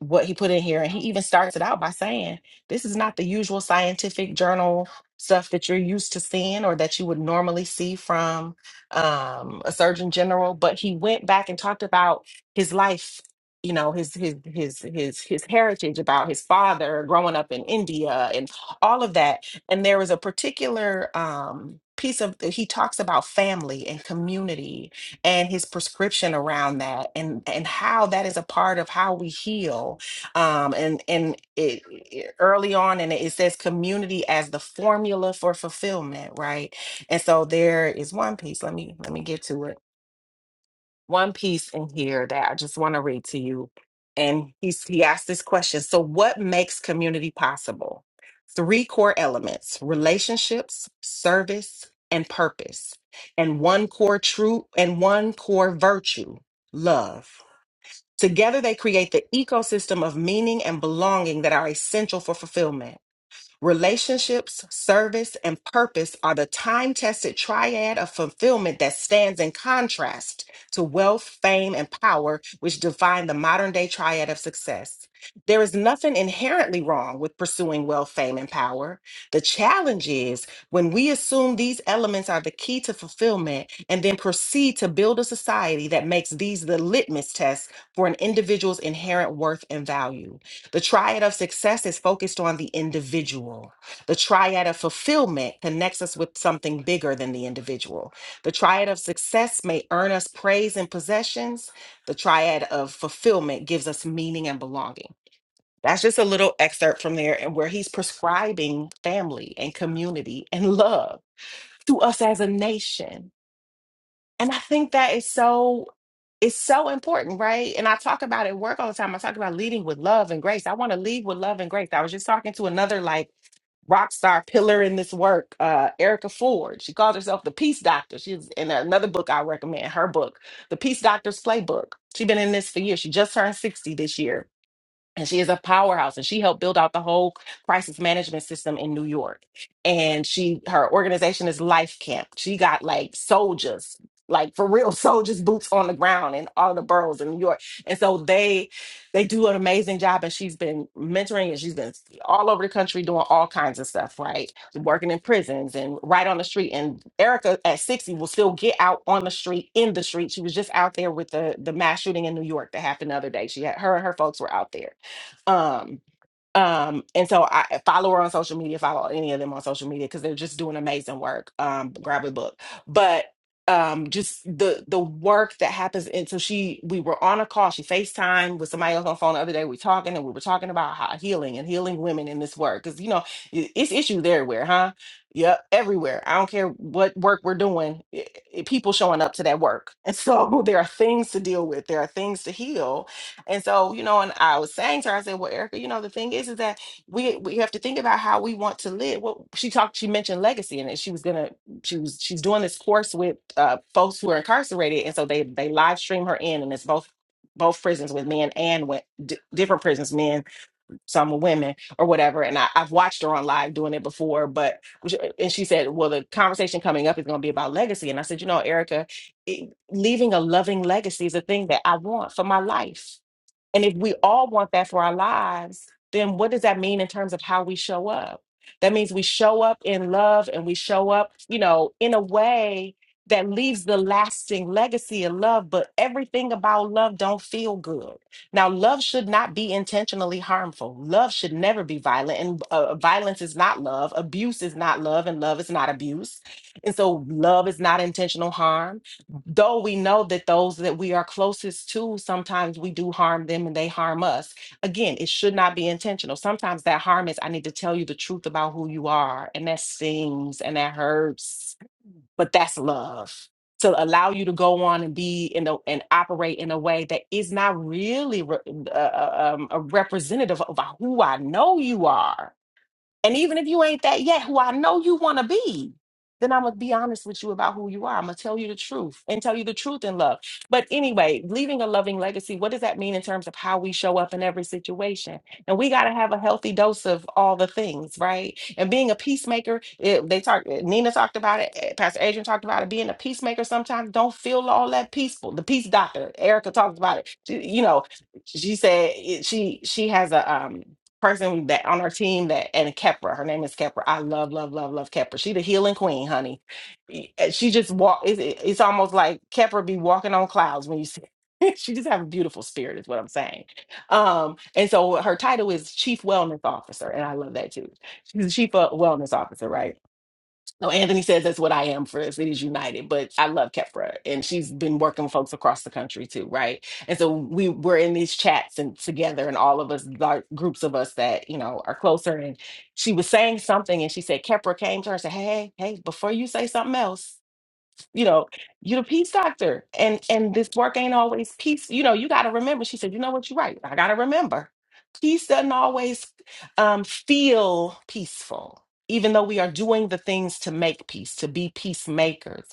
what he put in here, and he even starts it out by saying, "This is not the usual scientific journal stuff that you're used to seeing or that you would normally see from um, a surgeon general." But he went back and talked about his life, you know, his his his his his heritage, about his father growing up in India and all of that. And there was a particular um, piece of he talks about family and community and his prescription around that and and how that is a part of how we heal um and and it, it- early on and it says community as the formula for fulfillment right and so there is one piece let me let me get to it one piece in here that I just want to read to you. And he's, he asked this question So, what makes community possible? Three core elements relationships, service, and purpose. And one core true and one core virtue love. Together, they create the ecosystem of meaning and belonging that are essential for fulfillment. Relationships, service, and purpose are the time tested triad of fulfillment that stands in contrast to wealth, fame, and power, which define the modern day triad of success. There is nothing inherently wrong with pursuing wealth, fame, and power. The challenge is when we assume these elements are the key to fulfillment and then proceed to build a society that makes these the litmus test for an individual's inherent worth and value. The triad of success is focused on the individual. The triad of fulfillment connects us with something bigger than the individual. The triad of success may earn us praise and possessions. The triad of fulfillment gives us meaning and belonging. That's just a little excerpt from there and where he's prescribing family and community and love to us as a nation and I think that is so it's so important, right? And I talk about it at work all the time. I talk about leading with love and grace. I want to lead with love and grace. I was just talking to another like rock star pillar in this work, uh, Erica Ford. She calls herself the Peace Doctor. She's in another book I recommend, her book, The Peace Doctor's Playbook. She's been in this for years. She just turned 60 this year and she is a powerhouse and she helped build out the whole crisis management system in New York. And she her organization is Life Camp. She got like soldiers, like for real soldiers boots on the ground in all the boroughs in New York. And so they they do an amazing job and she's been mentoring and she's been all over the country doing all kinds of stuff, right? Working in prisons and right on the street and Erica at 60 will still get out on the street in the street. She was just out there with the the mass shooting in New York that happened the other day. She had her and her folks were out there um, um, and so I follow her on social media, follow any of them on social media because they're just doing amazing work. Um, grab a book. But um just the the work that happens and so she we were on a call, she FaceTime with somebody else on the phone the other day. We talking and we were talking about how healing and healing women in this work. Cause you know, i- it's issues everywhere, huh? Yep, everywhere. I don't care what work we're doing, i- i- people showing up to that work. And so there are things to deal with, there are things to heal and so, you know, and I was saying to her, I said, "Well, Erica, you know, the thing is, is that we we have to think about how we want to live." Well, she talked, she mentioned legacy, and that she was gonna, she was, she's doing this course with uh, folks who are incarcerated, and so they they live stream her in, and it's both both prisons with men and with d- different prisons, men, some with women, or whatever. And I, I've watched her on live doing it before, but and she said, "Well, the conversation coming up is going to be about legacy," and I said, "You know, Erica, it- leaving a loving legacy is a thing that I want for my life." And if we all want that for our lives, then what does that mean in terms of how we show up? That means we show up in love and we show up, you know, in a way that leaves the lasting legacy of love, but everything about love don't feel good. Now, love should not be intentionally harmful. Love should never be violent and uh, violence is not love, abuse is not love and love is not abuse. And so love is not intentional harm though we know that those that we are closest to sometimes we do harm them and they harm us again it should not be intentional sometimes that harm is i need to tell you the truth about who you are and that stings and that hurts but that's love to allow you to go on and be in a, and operate in a way that is not really re- uh, uh, um, a representative of who i know you are and even if you ain't that yet, who I know you want to be, then I'm going to be honest with you about who you are. I'm going to tell you the truth and tell you the truth in love. But anyway, leaving a loving legacy, what does that mean in terms of how we show up in every situation? And we got to have a healthy dose of all the things, right? And being a peacemaker, it, they talk, eh, Nina talked about it, eh, Pastor Adrian talked about it, being a peacemaker sometimes don't feel all that peaceful. The peace doctor, Erica talked about it. She- you know, she said it- she she has a um person that on our team that and Kepra, her name is Kepra. I love, love, love, love Kepra. She the healing queen, honey. Y- and She just walk. It's, it- it's almost like Kepra be walking on clouds when you see. she just have a beautiful spirit, is what I'm saying. Um, and so her title is Chief Wellness Officer, and I love that too. She's the Chief uh, Wellness Officer, right? No, Anthony says that's what I am for Cities United, but I love Kefra, and she's been working with folks across the country too, right? And so we were in these chats and together, and all of us, like groups of us that you know are closer. And she was saying something, and she said Kefra came to her and said, "Hey, hey, hey, before you say something else." you know, you're the peace doctor. And and this work ain't always peace. You know, you gotta remember. She said, you know what, you're right. I gotta remember. Peace doesn't always um feel peaceful, even though we are doing the things to make peace, to be peacemakers.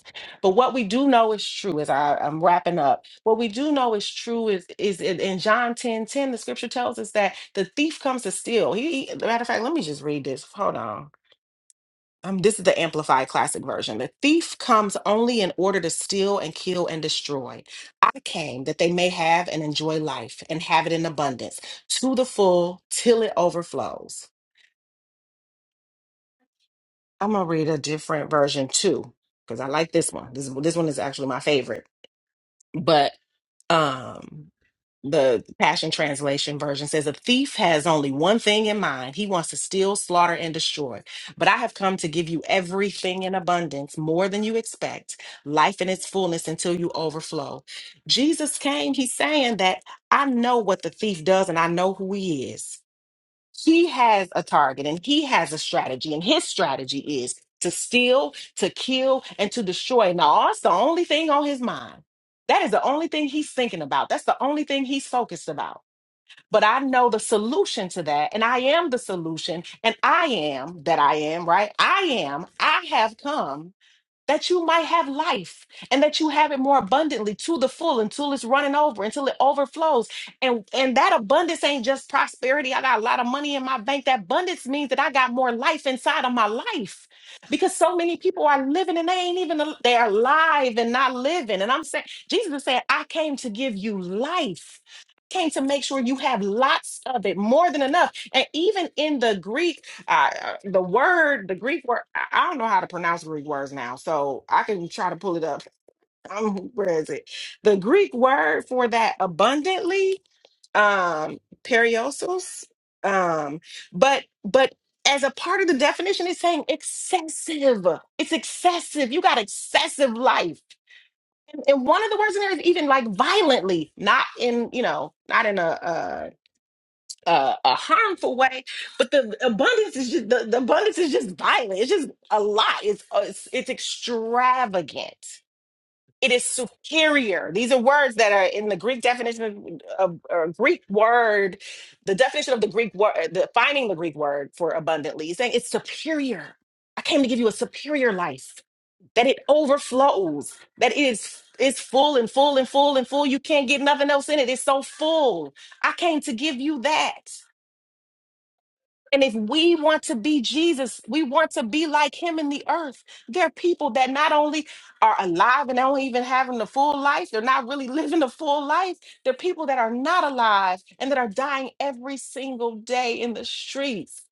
But what we do know is true, as I, I'm wrapping up, what we do know is true is is in, in John 10 10, the scripture tells us that the thief comes to steal. He he- matter of fact, let me just read this. Hold on um, this is the amplified classic version. The thief comes only in order to steal and kill and destroy. I came that they may have and enjoy life and have it in abundance to the full till it overflows. I'm gonna read a different version too because I like this one. This this one is actually my favorite. But um the Passion Translation version says, A thief has only one thing in mind. He wants to steal, slaughter, and destroy. But I have come to give you everything in abundance, more than you expect, life in its fullness until you overflow. Jesus came, he's saying that I know what the thief does and I know who he is he has a target and he has a strategy and his strategy is to steal to kill and to destroy now that's the only thing on his mind that is the only thing he's thinking about that's the only thing he's focused about but i know the solution to that and i am the solution and i am that i am right i am i have come that you might have life and that you have it more abundantly to the full until it's running over until it overflows and and that abundance ain't just prosperity i got a lot of money in my bank that abundance means that i got more life inside of my life because so many people are living and they ain't even al- they're alive and not living and i'm saying jesus is saying i came to give you life came to make sure you have lots of it more than enough and even in the greek I, I- the word, the Greek word, I I don't know how to pronounce Greek words now, so I can try to pull it up. Um, where is it? The Greek word for that abundantly, um, periosos. Um, but but as a part of the definition, it's saying excessive. It's excessive. You got excessive life, and, and one of the words in there is even like violently, not in you know, not in a, uh, uh, a harmful way, but the abundance is just the, the abundance is just violent. It's just a lot. It's uh, it's, it's extravagant. It is superior. These are words that are in the Greek definition of, of or Greek word. The definition of the Greek word, the finding the Greek word for abundantly, is saying it's superior. I came to give you a superior life. That it overflows. That it is it's full and full and full and full. You can't get nothing else in it. It's so full. I came to give you that. And if we want to be Jesus, we want to be like him in the earth. There are people that not only are alive and they don't even having the full life, they're not really living the full life. There are people that are not alive and that are dying every single day in the streets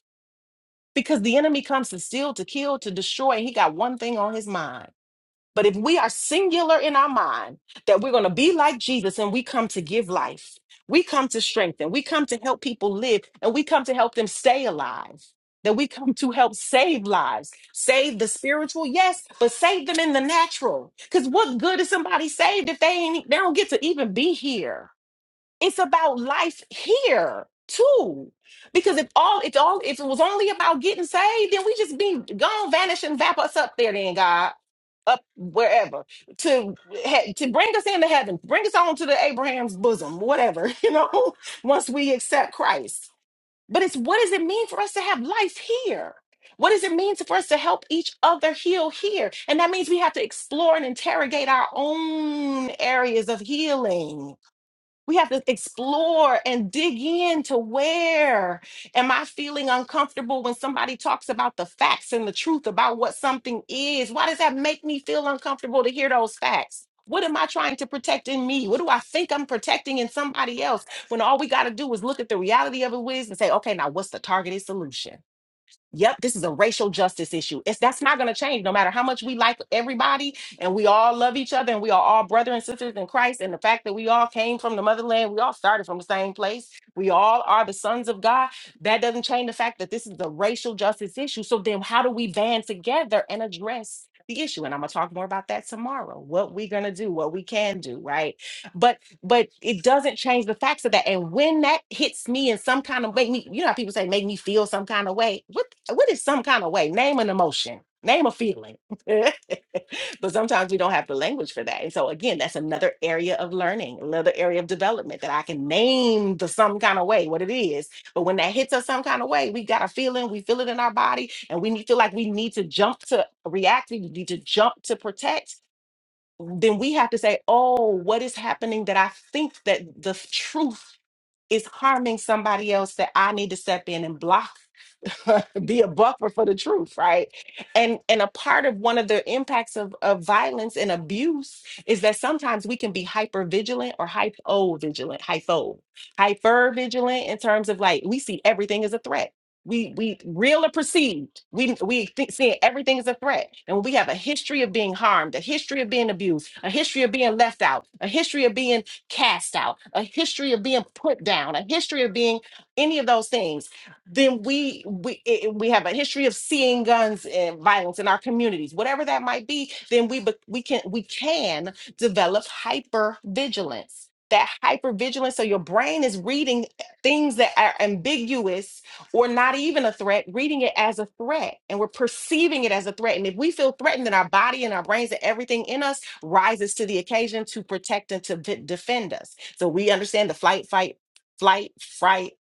because the enemy comes to steal, to kill, to destroy, and he got one thing on his mind. But if we are singular in our mind that we're going to be like Jesus and we come to give life, we come to strengthen, we come to help people live, and we come to help them stay alive, that we come to help save lives, save the spiritual, yes, but save them in the natural. Because what good is somebody saved if they ain't, they don't get to even be here? it's about life here too. Because if all it's all if it was only about getting saved, then we just be gone, vanish, and vap us up there, then God, up wherever to he- to bring us into heaven, bring us on to the Abraham's bosom, whatever you know. Once we accept Christ, but it's what does it mean for us to have life here? What does it mean to- for us to help each other heal here? And that means we have to explore and interrogate our own areas of healing we have to explore and dig into where am I feeling uncomfortable when somebody talks about the facts and the truth about what something is? Why does that make me feel uncomfortable to hear those facts? What am I trying to protect in me? What do I think I'm protecting in somebody else when all we got to do is look at the reality of it is and say, okay, now what's the targeted solution? Yep, this is a racial justice issue. It's that's not going to change no matter how much we like everybody and we all love each other and we are all brother and sisters in Christ and the fact that we all came from the motherland, we all started from the same place. We all are the sons of God. That doesn't change the fact that this is a racial justice issue. So then how do we band together and address the issue? And I'm going to talk more about that tomorrow. What we're going to do, what we can do, right? But but it doesn't change the facts of that. And when that hits me in some kind of make me, you know, how people say make me feel some kind of way. What? what is some kind of way? Name an emotion, name a feeling. but sometimes we don't have the language for that. And so, again, that's another area of learning, another area of development that I can name the some kind of way what it is. But when that hits us some kind of way, we got a feeling, we feel it in our body, and we need- feel like we need to jump to react, we need to jump to protect. Then we have to say, oh, what is happening that I think that the truth is harming somebody else that I need to step in and block be a buffer for the truth right and and a part of one of the impacts of, of violence and abuse is that sometimes we can be hyper vigilant or hypo vigilant hypo hyper vigilant in terms of like we see everything as a threat we we real or perceived we we think seeing everything as a threat and when we have a history of being harmed a history of being abused a history of being left out a history of being cast out a history of being put down a history of being any of those things then we we i- i- we have a history of seeing guns and violence in our communities whatever that might be then we bec- we can we can develop hyper vigilance that hyper vigilance so your brain is reading things that are ambiguous or not even a threat reading it as a threat and we're perceiving it as a threat and if we feel threatened then our body and our brains and everything in us rises to the occasion to protect and to v- defend us so we understand the flight fight flight fright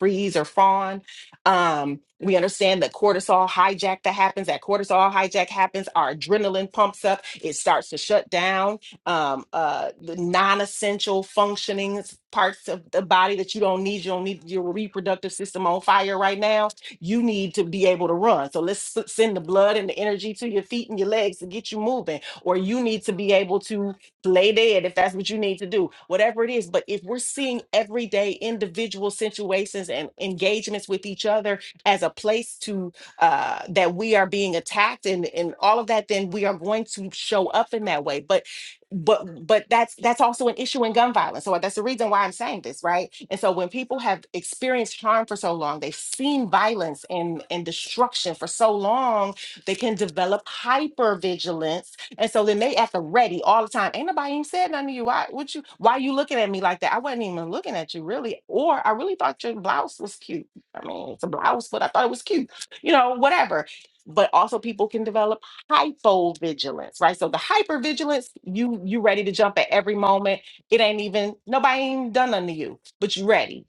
freeze or fawn um, we understand that cortisol hijack that happens, that cortisol hijack happens, our adrenaline pumps up, it starts to shut down um, uh, the non essential functioning parts of the body that you don't need. You don't need your reproductive system on fire right now. You need to be able to run. So let's s- send the blood and the energy to your feet and your legs to get you moving, or you need to be able to lay dead if that's what you need to do, whatever it is. But if we're seeing everyday individual situations and engagements with each other as a place to uh, that we are being attacked and and all of that, then we are going to show up in that way. But but but that's that's also an issue in gun violence. So that's the reason why I'm saying this, right? And so when people have experienced harm for so long, they've seen violence and and destruction for so long, they can develop hypervigilance and so then they at the ready all the time. Ain't nobody even said nothing to you. Why would you why you looking at me like that? I wasn't even looking at you really. Or I really thought your blouse was cute. I mean, it's a blouse, but I thought it was cute. You know, whatever. But also people can develop hypovigilance, right? So the hypervigilance, you you ready to jump at every moment. It ain't even nobody ain't done nothing to you, but you ready.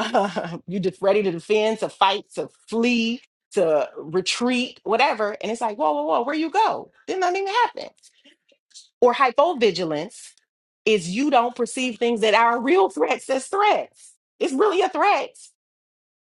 you just ready to defend, to fight, to flee, to retreat, whatever. And it's like, whoa, whoa, whoa, where you go? did nothing even happen or hypovigilance is you don't perceive things that are real threats as threats. It's really a threat.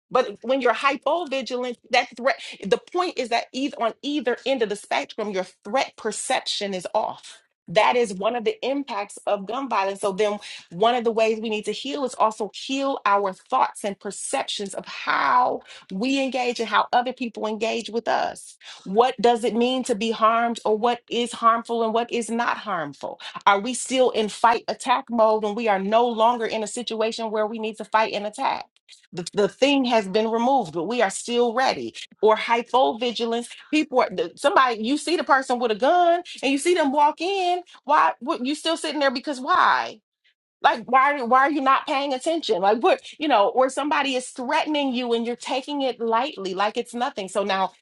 But when you're hypovigilant, that threat, the point is that either on either end of the spectrum, your threat perception is off. That is one of the impacts of gun violence. So then one of the ways we need to heal is also heal our thoughts and perceptions of how we engage and how other people engage with us. What does it mean to be harmed or what is harmful and what is not harmful? Are we still in fight attack mode when we are no longer in a situation where we need to fight and attack? the, the thing has been removed, but we are still ready. Or hypovigilance. People are the, somebody you see the person with a gun and you see them walk in. Why what you still sitting there because why? Like why why are you not paying attention? Like what you know, or somebody is threatening you and you're taking it lightly, like it's nothing. So now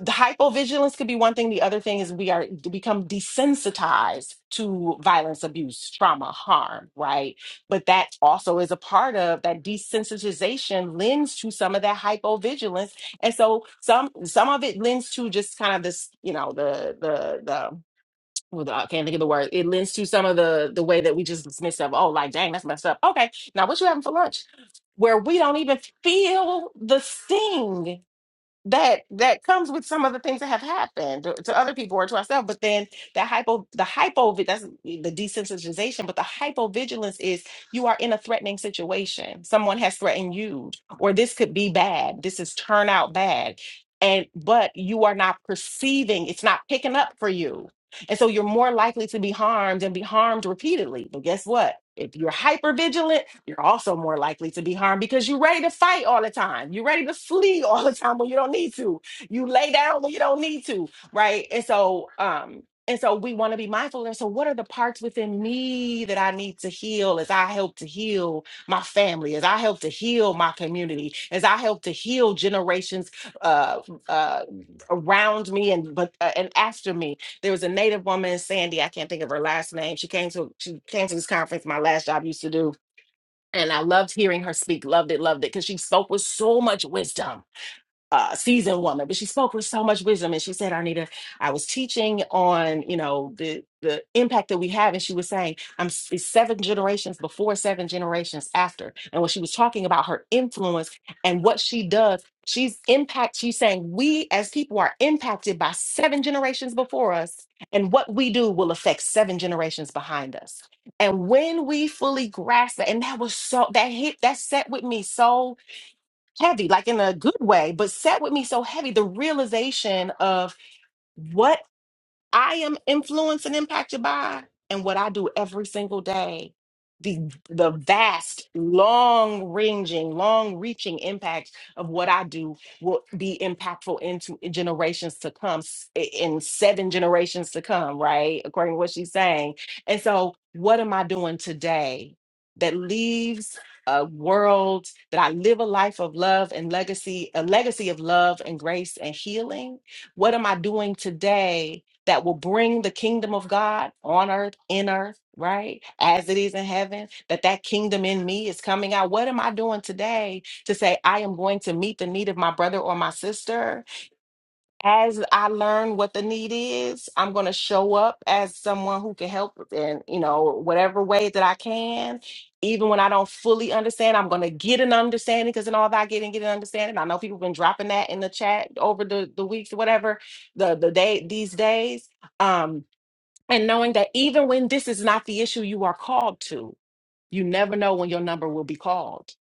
the hypovigilance could be one thing. The other thing is we are to become desensitized to violence, abuse, trauma, harm, right? But that also is a part of that desensitization lends to some of that hypovigilance. And so some some of it lends to just kind of this, you know, the the the well, the- I can't think of the word. It lends to some of the the way that we just dismiss of, oh, like dang, that's messed up. Okay, now what you having for lunch? Where we don't even feel the sting that that comes with some of the things that have happened to, to other people or to ourselves but then the hypo the hypo that's the desensitization but the hypovigilance is you are in a threatening situation someone has threatened you or this could be bad this is turn out bad and but you are not perceiving it's not picking up for you and so you're more likely to be harmed and be harmed repeatedly. But guess what? If you're hyper vigilant, you're also more likely to be harmed because you're ready to fight all the time. You're ready to flee all the time when you don't need to. You lay down when you don't need to, right? And so, um, and so we want to be mindful. And so, what are the parts within me that I need to heal as I help to heal my family, as I help to heal my community, as I help to heal generations uh, uh, around me and but uh, and after me? there was a native woman, Sandy, I can't think of her last name. She came to she came to this conference my last job used to do. And I loved hearing her speak, loved it, loved it, because she spoke with so much wisdom uh, seasoned woman, but she spoke with so much wisdom. And she said, Arnita, I was teaching on, you know, the the impact that we have. And she was saying, I'm s- it's seven generations before, seven generations after. And when she was talking about her influence and what she does, she's impact, she's saying we as people are impacted by seven generations before us, and what we do will affect seven generations behind us. And when we fully grasp that, and that was so that hit that set with me so heavy, like in a good way, but sat with me so heavy. The realization of what I am influenced and impacted by, and what I do every single day. The the vast, long ranging, long reaching impact of what I do will be impactful into generations to come, s- i- in seven generations to come, right? According to what she's saying. And so, what am I doing today that leaves a world that I live a life of love and legacy, a legacy of love and grace and healing? What am I doing today? that will bring the kingdom of God on earth, in earth, right? As it is in heaven, that that kingdom in me is coming out. What am I doing today to say I am going to meet the need of my brother or my sister? as I learn what the need is, I'm going to show up as someone who can help in, you know, whatever way that I can. Even when I don't fully understand, I'm going to get an understanding because in all that I get and get an understanding, I know people have been dropping that in the chat over the, the weeks, or whatever, the, the day, these days. Um, and knowing that even when this is not the issue you are called to, you never know when your number will be called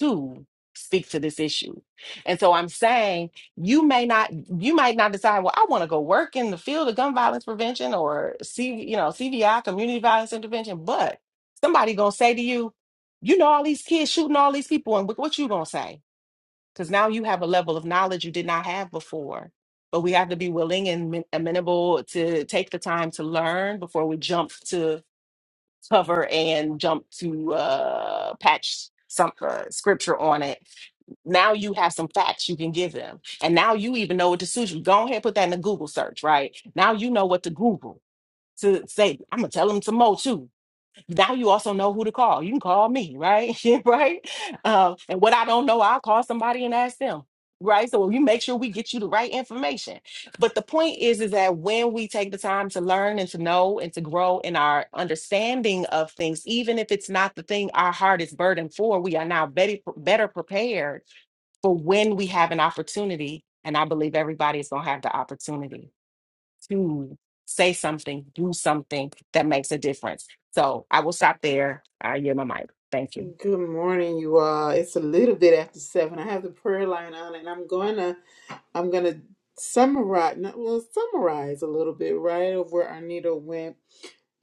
to speak to this issue. And so I'm saying you may not you might not decide, well, I want to go work in the field of gun violence prevention or C, you know, CVI, community violence intervention, but somebody gonna say to you, you know all these kids shooting all these people, and what what you gonna say? Because now you have a level of knowledge you did not have before. But we have to be willing and men- amenable to take the time to learn before we jump to cover and jump to uh, patch some uh, scripture on it now you have some facts you can give them. And now you even know what to suit you. Go ahead, put that in the Google search, right? Now you know what to Google to say, I'm gonna tell them some more too. Now you also know who to call. You can call me, right? Yeah, right? Um, and what I don't know, I'll call somebody and ask them. Right. So you make sure we get you the right information. But the point is, is that when we take the time to learn and to know and to grow in our understanding of things, even if it's not the thing our heart is burdened for, we are now better, better prepared for when we have an opportunity, and I believe everybody is going to have the opportunity to say something, do something that makes a difference. So I will stop there. I yield my mic. Thank you.
good morning you all it's a little bit after seven i have the prayer line on and i'm gonna i'm gonna summarize not, well summarize a little bit right of where arnita went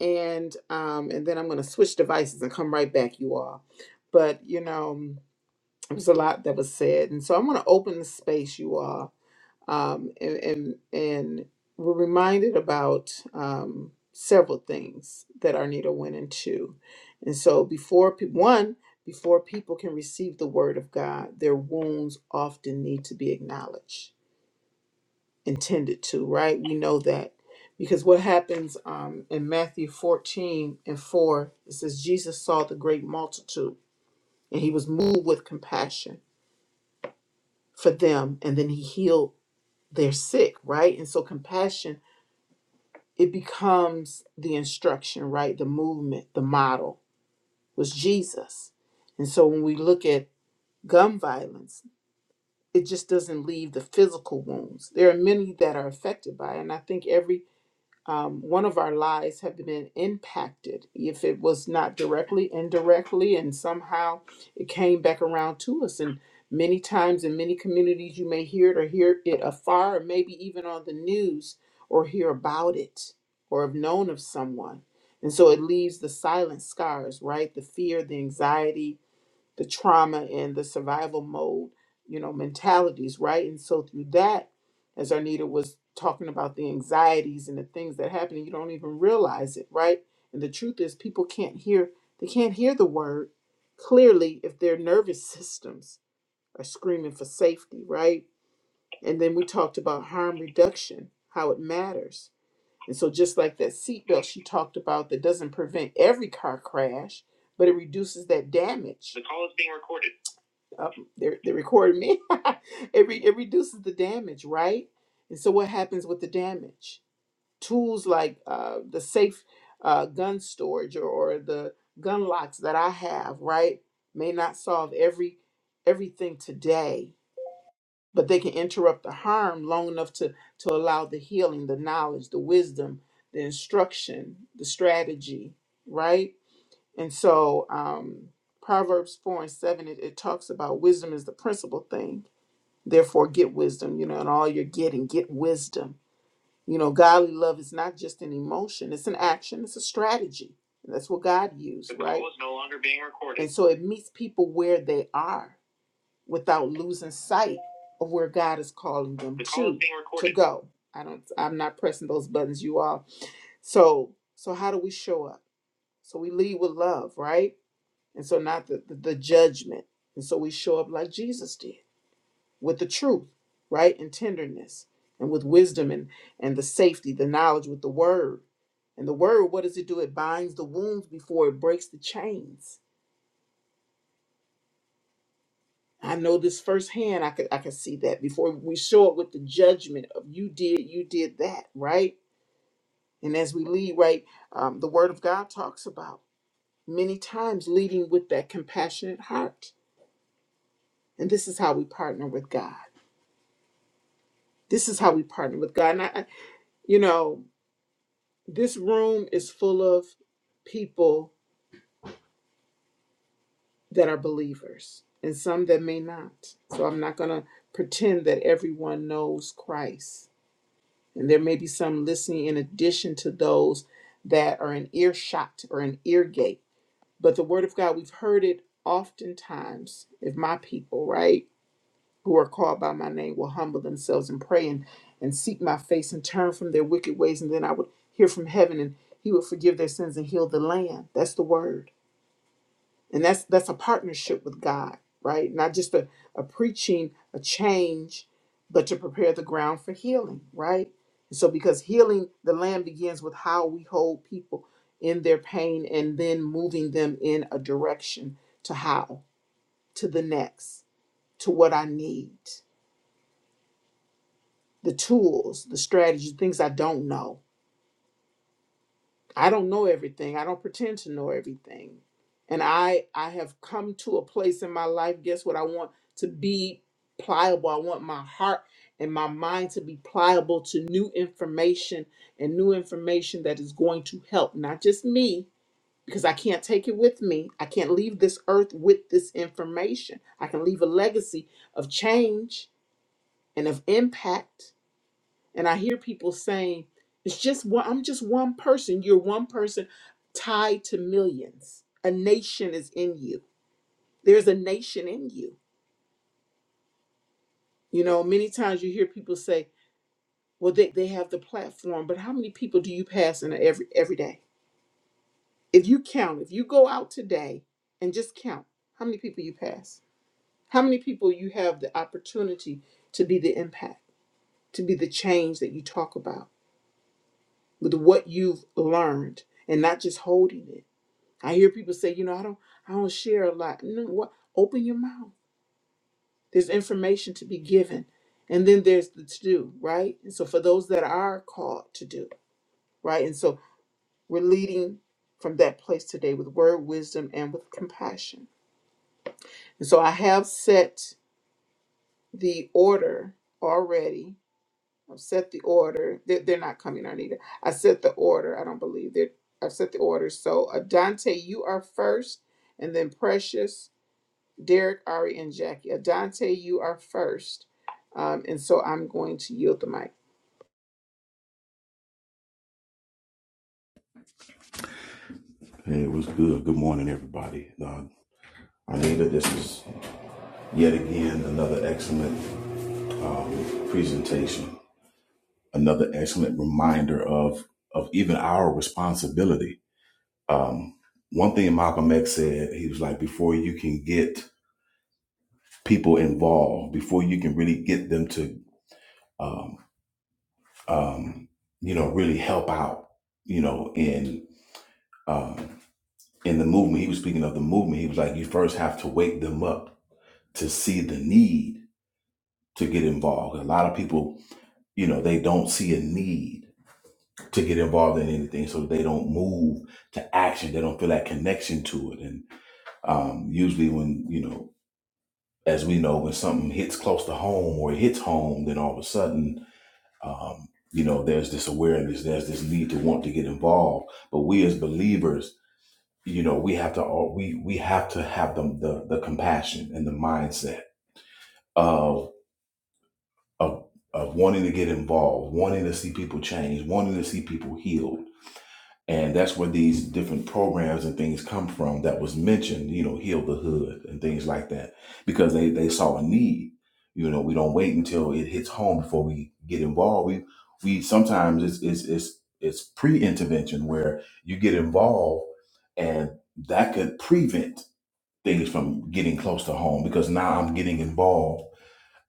and um and then I'm going to switch devices and come right back you all. But you know, there's a lot that was said, and so I'm going to open the space you all. Um, and and and we're reminded about um several things that Arnita went into, and so before pe- one. Before people can receive the word of God, their wounds often need to be acknowledged intended to, right? We know that because what happens um, in Matthew 14 and 4, it says, Jesus saw the great multitude and he was moved with compassion for them and then he healed their sick, right? And so compassion, it becomes the instruction, right? The movement, the model was Jesus. And so when we look at gun violence, it just doesn't leave the physical wounds. There are many that are affected by it. And I think every um, one of our lives have been impacted if it was not directly indirectly and somehow it came back around to us and many times in many communities you may hear it or hear it afar or maybe even on the news or hear about it or have known of someone and so it leaves the silent scars right the fear the anxiety the trauma and the survival mode, you know, mentalities, right? And so through that, as Arnita was talking about the anxieties and the things that happen, and you don't even realize it, right? And the truth is people can't hear they can't hear the word clearly if their nervous systems are screaming for safety, right? And then we talked about harm reduction, how it matters. And so just like that seatbelt she talked about that doesn't prevent every car crash, but it reduces that damage uh, they're, they recorded me. it, re- it reduces the damage, right? And so what happens with the damage? Tools like uh, the safe uh, gun storage or, or the gun locks that I have, right, may not solve every everything today, but they can interrupt the harm long enough to to allow the healing, the knowledge, the wisdom, the instruction, the strategy, right? And so um, Proverbs 4 and 7, it, it talks about wisdom is the principal thing. Therefore, get wisdom, you know, and all you're getting, get wisdom. You know, godly love is not just an emotion, it's an action, it's a strategy. And that's what God used, right? the call right? is no longer being recorded. And so it meets people where they are without losing sight of where God is calling them the call to, is being recorded. to go. I don't I'm not pressing those buttons, you all. So so how do we show up? So we lead with love, right? and so not the, the, the judgment and so we show up like jesus did with the truth right and tenderness and with wisdom and and the safety the knowledge with the word and the word what does it do it binds the wounds before it breaks the chains i know this firsthand i could i could see that before we show up with the judgment of you did you did that right and as we lead right um, the word of god talks about many times leading with that compassionate heart and this is how we partner with god This is how we partner with God. And I, I- you know, this room is full of people that are believers and some that may not. So I'm not going to pretend that everyone knows Christ. And there may be some listening in addition to those that are in earshot or in ear gate. But the word of God, we've heard it oftentimes. If my people, right? who are called by my name will humble themselves and pray and, and seek my face and turn from their wicked ways. And then I would hear from heaven and he would forgive their sins and heal the land. That's the word. And that's that's a partnership with God, right? Not just a, a preaching, a change, but to prepare the ground for healing, right? And so because healing the land begins with how we hold people in their pain and then moving them in a direction to how, to the next, to what I need the tools, the strategies, things I don't know. I don't know everything. I don't pretend to know everything. And I I have come to a place in my life, guess what? I want to be pliable. I want my heart and my mind to be pliable to new information and new information that is going to help not just me because I can't take it with me. I can't leave this earth with this information. I can leave a legacy of change and of impact And I hear people saying, it's just one, I'm just one person. You're one person tied to millions. A nation is in you. There's a nation in you. You know, many times you hear people say, well, they, they have the platform, but how many people do you pass in a every every day? If you count, if you go out today and just count how many people you pass, how many people you have the opportunity to be the impact, to be the change that you talk about with what you've learned and not just holding it I hear people say, you know, I don't I don't share a lot. No, what open your mouth. There's information to be given. And then there's the to do, right? And so for those that are called to do, right? And so we're leading from that place today with word, wisdom, and with compassion. And so I have set the order already. I've set the order. They're, they're not coming, Arnita. I set the order. I don't believe they're I've set the order. So Adante, you are first, and then Precious, Derek, Ari, and Jackie. Adante, you are first. Um, and so I'm going to yield the mic.
Hey, It was good? Good morning, everybody. Uh, Anita, this is yet again another excellent um, presentation, another excellent reminder of of even our responsibility. Um, one thing Malcolm X said, he was like, before you can get people involved, before you can really get them to, um, um, you know, really help out, you know, in um, in the movement. He was speaking of the movement. He was like, you first have to wake them up to see the need to get involved. A lot of people, you know, they don't see a need to get involved in anything, so they don't move to action. They don't feel that connection to it. And um, usually, when you know, as we know, when something hits close to home or it hits home, then all of a sudden, um, you know, there's this awareness, there's this need to want to get involved. But we as believers, you know, we have to all we we have to have the the, the compassion and the mindset of. of of wanting to get involved, wanting to see people change, wanting to see people healed. And that's where these different programs and things come from that was mentioned, you know, heal the hood and things like that. Because they, they saw a need. You know, we don't wait until it hits home before we get involved. We we sometimes it's it's it's it's pre-intervention where you get involved and that could prevent things from getting close to home because now I'm getting involved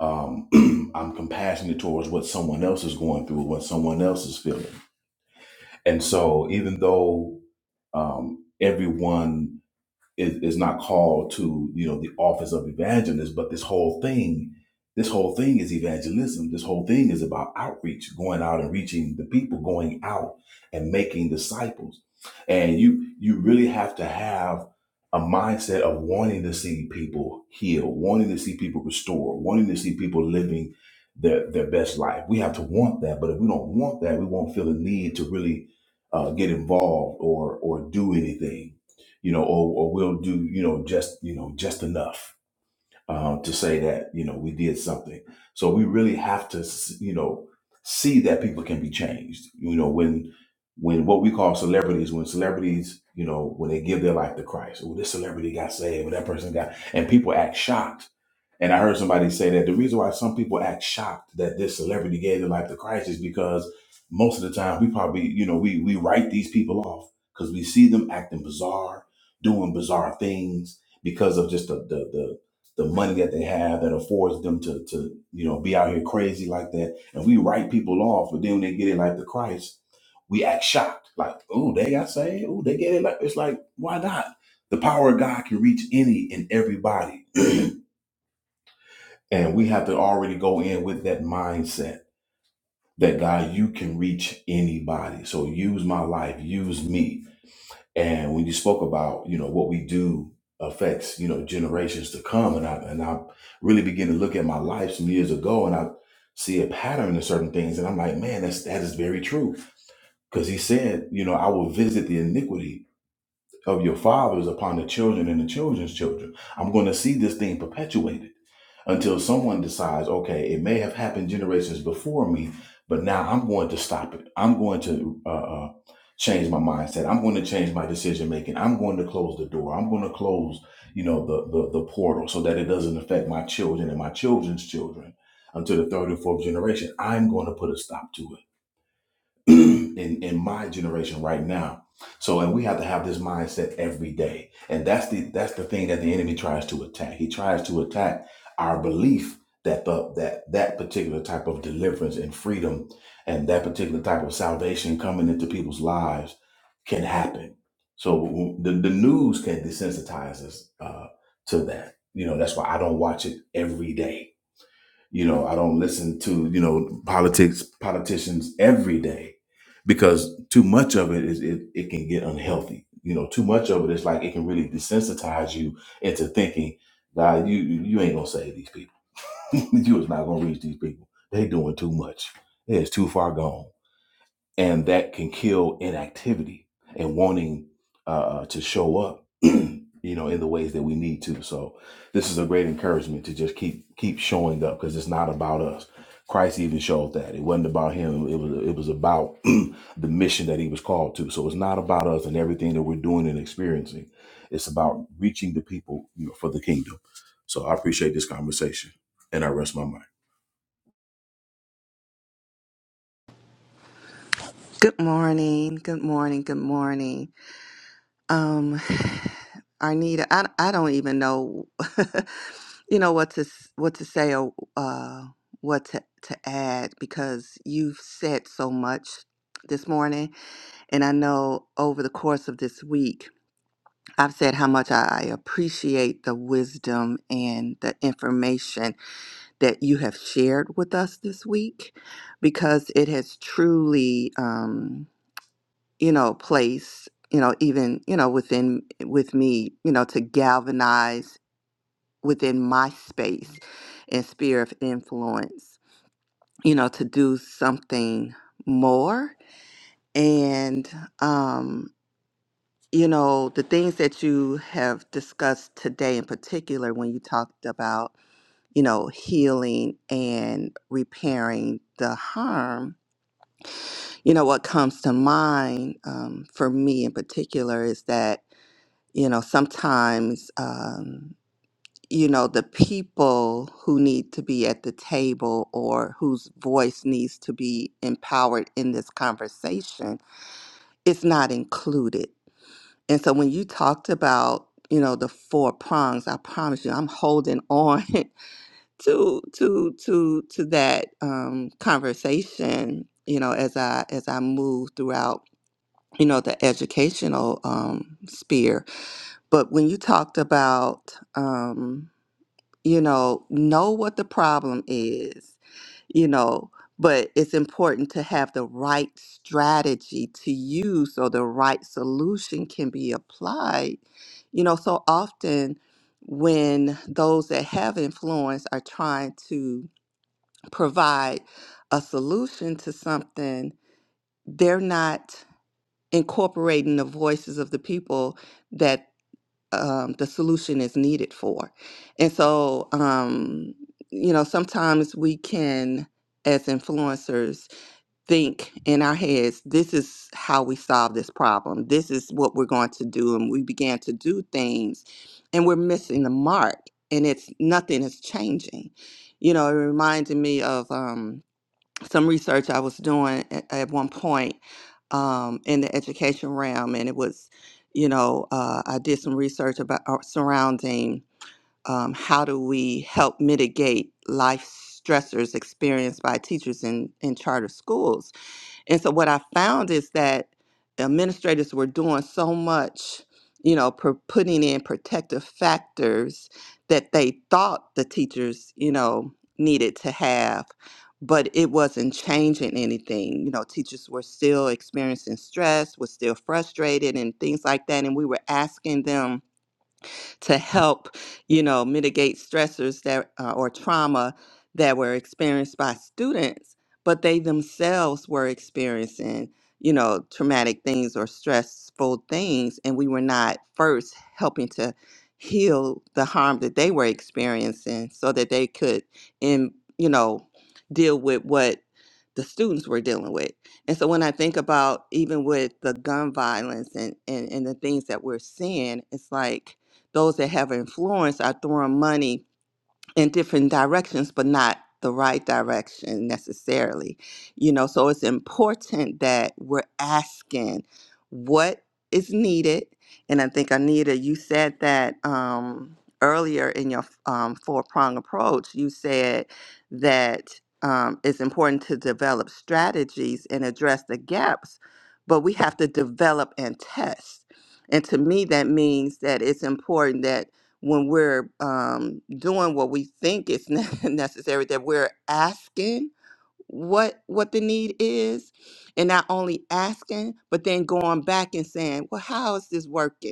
um, I'm compassionate towards what someone else is going through, what someone else is feeling. And so, even though um, everyone is, is not called to you know the office of evangelist but this whole thing this whole thing is evangelism this whole thing is about outreach going out and reaching the people going out and making disciples and you you really have to have a mindset of wanting to see people heal wanting to see people restore, wanting to see people living their, their best life we have to want that but if we don't want that we won't feel the need to really uh, get involved or or do anything you know, or, or we'll do, you know, just, you know, just enough um, to say that, you know, we did something. So we really have to, you know, see that people can be changed. You know, when, when what we call celebrities, when celebrities, you know, when they give their life to Christ, oh, this celebrity got saved, or that person got, and people act shocked and I heard somebody say that the reason why some people act shocked that this celebrity gave their life to Christ is because most of the time we probably, you know, we we write these people off because we see them acting bizarre, doing bizarre things because of just the the the the money that they have that affords them to to you know be out here crazy like that. And we write people off, but then when they get their life to Christ, we act shocked. Like, oh, they got saved. Oh, they get it. Like, it's like, why not? The power of God can reach any and everybody. And we have to already go in with that mindset that God, you can reach anybody. So use my life, use me. And when you spoke about, you know, what we do affects, you know, generations to come. And I and I really begin to look at my life some years ago and I see a pattern in certain things. And I'm like, man, that's that is very true. Because he said, you know, I will visit the iniquity of your fathers upon the children and the children's children. I'm going to see this thing perpetuated until someone decides, okay, it may have happened generations before me, but now I'm going to stop it. I'm going to uh, uh, change my mindset. I'm going to change my decision making. I'm going to close the door. I'm going to close, you know, the, the the portal so that it doesn't affect my children and my children's children until the third and fourth generation. I'm going to put a stop to it. in in my generation right now. So and we have to have this mindset every day. And that's the that's the thing that the enemy tries to attack. He tries to attack our belief that the that that particular type of deliverance and freedom and that particular type of salvation coming into people's lives can happen. So the, the news can desensitize us uh, to that. You know, that's why I don't watch it every day you know, I don't listen to, you know, politics, politicians every day because too much of it is it, it can get unhealthy. You know, too much of it is like it can really desensitize you into thinking, God, you you ain't gonna save these people. you is not gonna reach these people. They doing too much. It's too far gone and that can kill inactivity and wanting uh, uh, to show up you know in the ways that we need to so this is a great encouragement to just keep keep showing up because it's not about us christ even showed that it wasn't about him it was it was about the mission that he was called to so it's not about us and everything that we're doing and experiencing it's about reaching the people you know for the kingdom so i appreciate this conversation and i rest my mind
Good morning. Good morning. Good morning. Um, Arnita, I I don't even know, you know what to s- what to say or uh what to to add because you've said so much this morning, and I know over the course of this week I've said how much I appreciate the wisdom and the information that you have shared with us this week because it has truly um, you know placed you know even you know within with me you know to galvanize within my space and sphere of influence you know to do something more and um you know the things that you have discussed today in particular when you talked about you know, healing and repairing the harm, you know, what comes to mind um, for me in particular is that, you know, sometimes, um, you know, the people who need to be at the table or whose voice needs to be empowered in this conversation is not included. And so when you talked about, you know, the four prongs, I promise you, I'm holding on to to to to that um, conversation you know as i as i move throughout you know the educational um, sphere but when you talked about um, you know know what the problem is you know but it's important to have the right strategy to use so the right solution can be applied you know so often when those that have influence are trying to provide a solution to something, they're not incorporating the voices of the people that um, the solution is needed for. And so, um, you know, sometimes we can, as influencers, think in our heads, this is how we solve this problem, this is what we're going to do. And we began to do things and we're missing the mark and it's nothing is changing. You know, it reminded me of. Um, some research I was doing at, at one point um, in the education realm, and it was, you know, uh, I did some research about uh, surrounding um, how do we help mitigate life stressors experienced by teachers in, in charter schools and so what I found is that administrators were doing so much, you know, per putting in protective factors that they thought the teachers, you know, needed to have, but it wasn't changing anything. You know, teachers were still experiencing stress, was still frustrated and things like that. And we were asking them to help, you know, mitigate stressors that uh, or trauma that were experienced by students, but they themselves were experiencing, you know, traumatic things or stressful things, and we were not first helping to heal the harm that they were experiencing so that they could in you know deal with what the students were dealing with and so when i think about even with the gun violence and and, and the things that we're seeing it's like those that have influence are throwing money in different directions, but not the right direction necessarily. You know, so it's important that we're asking what is needed. And I think Anita, you said that um, earlier in your um, four prong approach. You said that um, it's important to develop strategies and address the gaps, but we have to develop and test. And to me, that means that it's important that when we're um, doing what we think is ne- necessary, that we're asking what what the need is and not only asking but then going back and saying well how is this working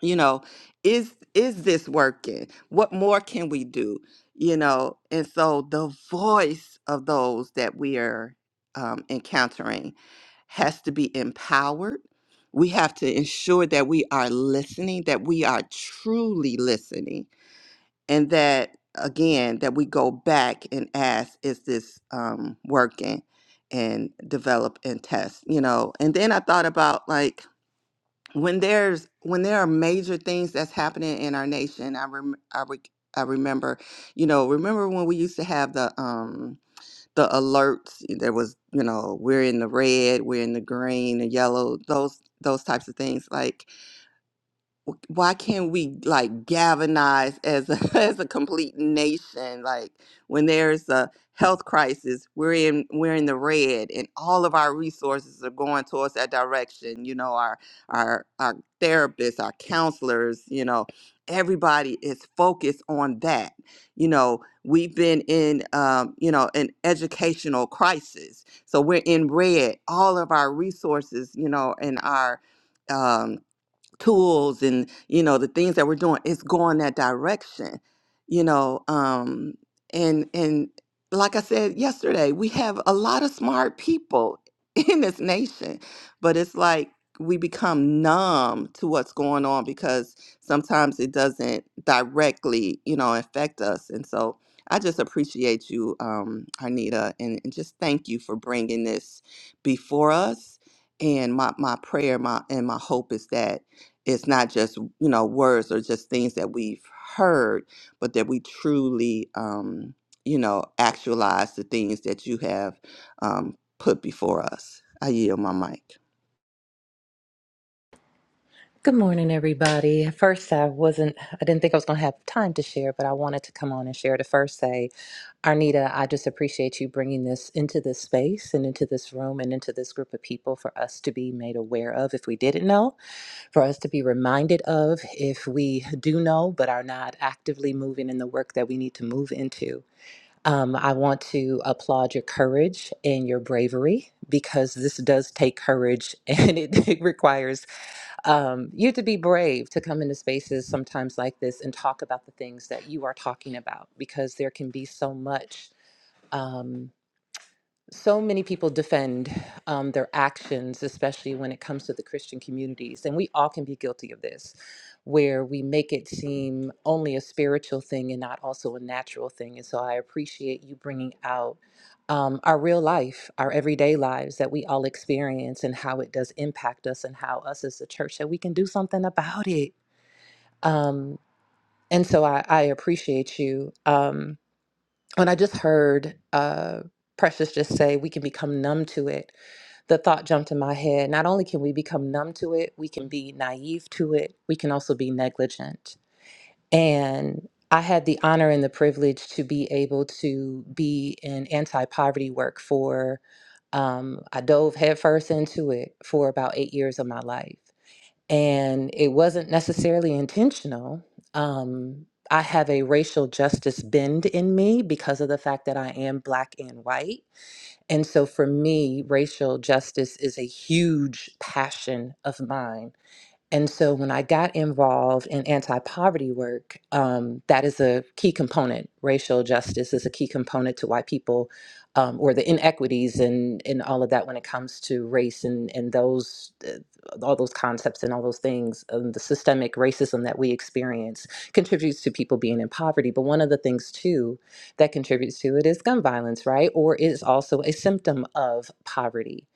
you know is is this working what more can we do you know and so the voice of those that we are um, encountering has to be empowered we have to ensure that we are listening that we are truly listening and that again that we go back and ask is this um, working and develop and test you know and then i thought about like when there's when there are major things that's happening in our nation i rem- I, re- I remember you know remember when we used to have the um the alerts there was you know we're in the red we're in the green the yellow those those types of things like w- why can't we like galvanize as a, as a complete nation like when there's a health crisis we're in we're in the red and all of our resources are going towards that direction you know our our our therapists our counselors you know everybody is focused on that you know we've been in um, you know an educational crisis so we're in red all of our resources you know and our um, tools and you know the things that we're doing it's going that direction you know um and and like i said yesterday we have a lot of smart people in this nation but it's like we become numb to what's going on because sometimes it doesn't directly you know affect us and so i just appreciate you um arnita and, and just thank you for bringing this before us and my my prayer my and my hope is that it's not just you know words or just things that we've heard but that we truly um you know actualize the things that you have um put before us i yield my mic
Good morning, everybody. At First, I wasn't, I didn't think I was going to have time to share, but I wanted to come on and share to first say, Arnita, I just appreciate you bringing this into this space and into this room and into this group of people for us to be made aware of if we didn't know, for us to be reminded of if we do know but are not actively moving in the work that we need to move into. Um, I want to applaud your courage and your bravery because this does take courage and it, it requires um, you to be brave to come into spaces sometimes like this and talk about the things that you are talking about because there can be so much. Um, so many people defend um, their actions, especially when it comes to the Christian communities, and we all can be guilty of this, where we make it seem only a spiritual thing and not also a natural thing. And so I appreciate you bringing out um, our real life, our everyday lives that we all experience, and how it does impact us, and how us as a church that we can do something about it. Um, and so I, I appreciate you. Um, when I just heard uh, Precious just say we can become numb to it, the thought jumped in my head not only can we become numb to it, we can be naive to it, we can also be negligent. And I had the honor and the privilege to be able to be in anti poverty work for, um, I dove headfirst into it for about eight years of my life. And it wasn't necessarily intentional. Um, I have a racial justice bend in me because of the fact that I am black and white and so for me, racial justice is a huge passion of mine. And so when I got involved in anti poverty work, um, that is a key component. Racial justice is a key component to why people, um, or the inequities and, and all of that when it comes to race and, and those, uh, all those concepts and all those things, um, the systemic racism that we experience contributes to people being in poverty. But one of the things, too, that contributes to it is gun violence, right? Or is also a symptom of poverty.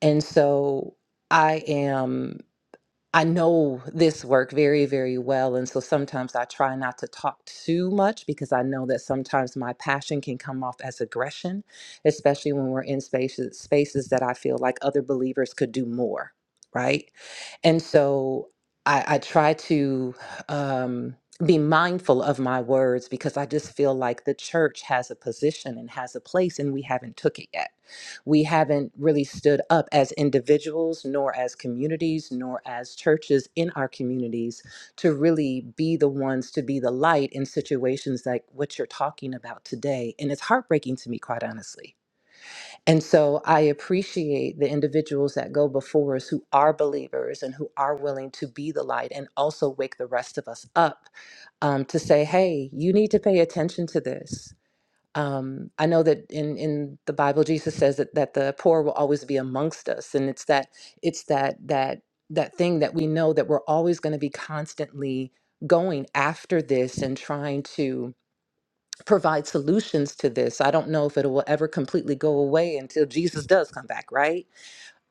And so I am. I know this work very, very well. And so sometimes I try not to talk too much because I know that sometimes my passion can come off as aggression, especially when we're in spaces, spaces that I feel like other believers could do more. Right. And so I, I try to um, be mindful of my words because I just feel like the church has a position and has a place and we haven't took it yet we haven't really stood up as individuals, nor as communities, nor as churches in our communities to really be the ones to be the light in situations like what you're talking about today. And it's heartbreaking to me, quite honestly. And so I appreciate the individuals that go before us who are believers and who are willing to be the light and also wake the rest of us up um, to say, hey, you need to pay attention to this um, I know that in, in the Bible, Jesus says that, that the poor will always be amongst us. And it's that, it's that, that, that thing that we know that we're always going to be constantly going after this and trying to provide solutions to this. I don't know if it will ever completely go away until Jesus does come back, right?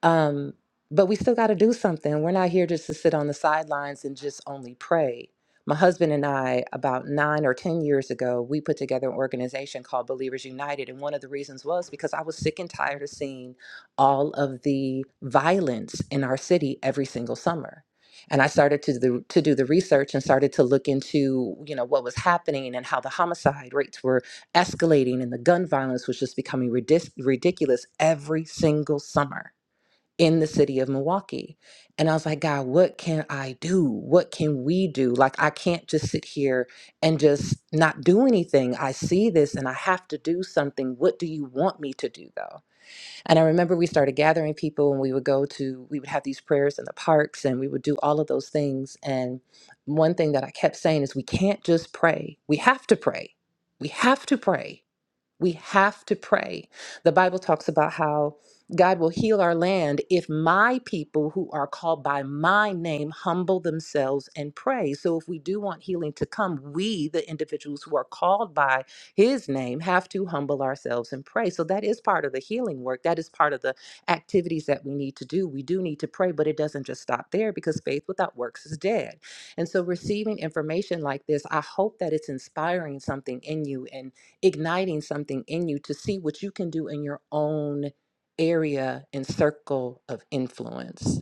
Um, but we still got to do something. We're not here just to sit on the sidelines and just only pray. My husband and I, about nine or 10 years ago, we put together an organization called Believers United. And one of the reasons was because I was sick and tired of seeing all of the violence in our city every single summer. And I started to do, to do the research and started to look into, you know, what was happening and how the homicide rates were escalating and the gun violence was just becoming ridic- ridiculous every single summer in the city of Milwaukee. And I was like, God, what can I do? What can we do? Like, I can't just sit here and just not do anything. I see this and I have to do something. What do you want me to do, though? And I remember we started gathering people and we would go to, we would have these prayers in the parks and we would do all of those things. And one thing that I kept saying is, we can't just pray, we have to pray. We have to pray we have to pray. The Bible talks about how God will heal our land if my people who are called by my name humble themselves and pray. So, if we do want healing to come, we, the individuals who are called by his name, have to humble ourselves and pray. So, that is part of the healing work. That is part of the activities that we need to do. We do need to pray, but it doesn't just stop there because faith without works is dead. And so, receiving information like this, I hope that it's inspiring something in you. And igniting something in you to see what you can do in your own area and circle of influence.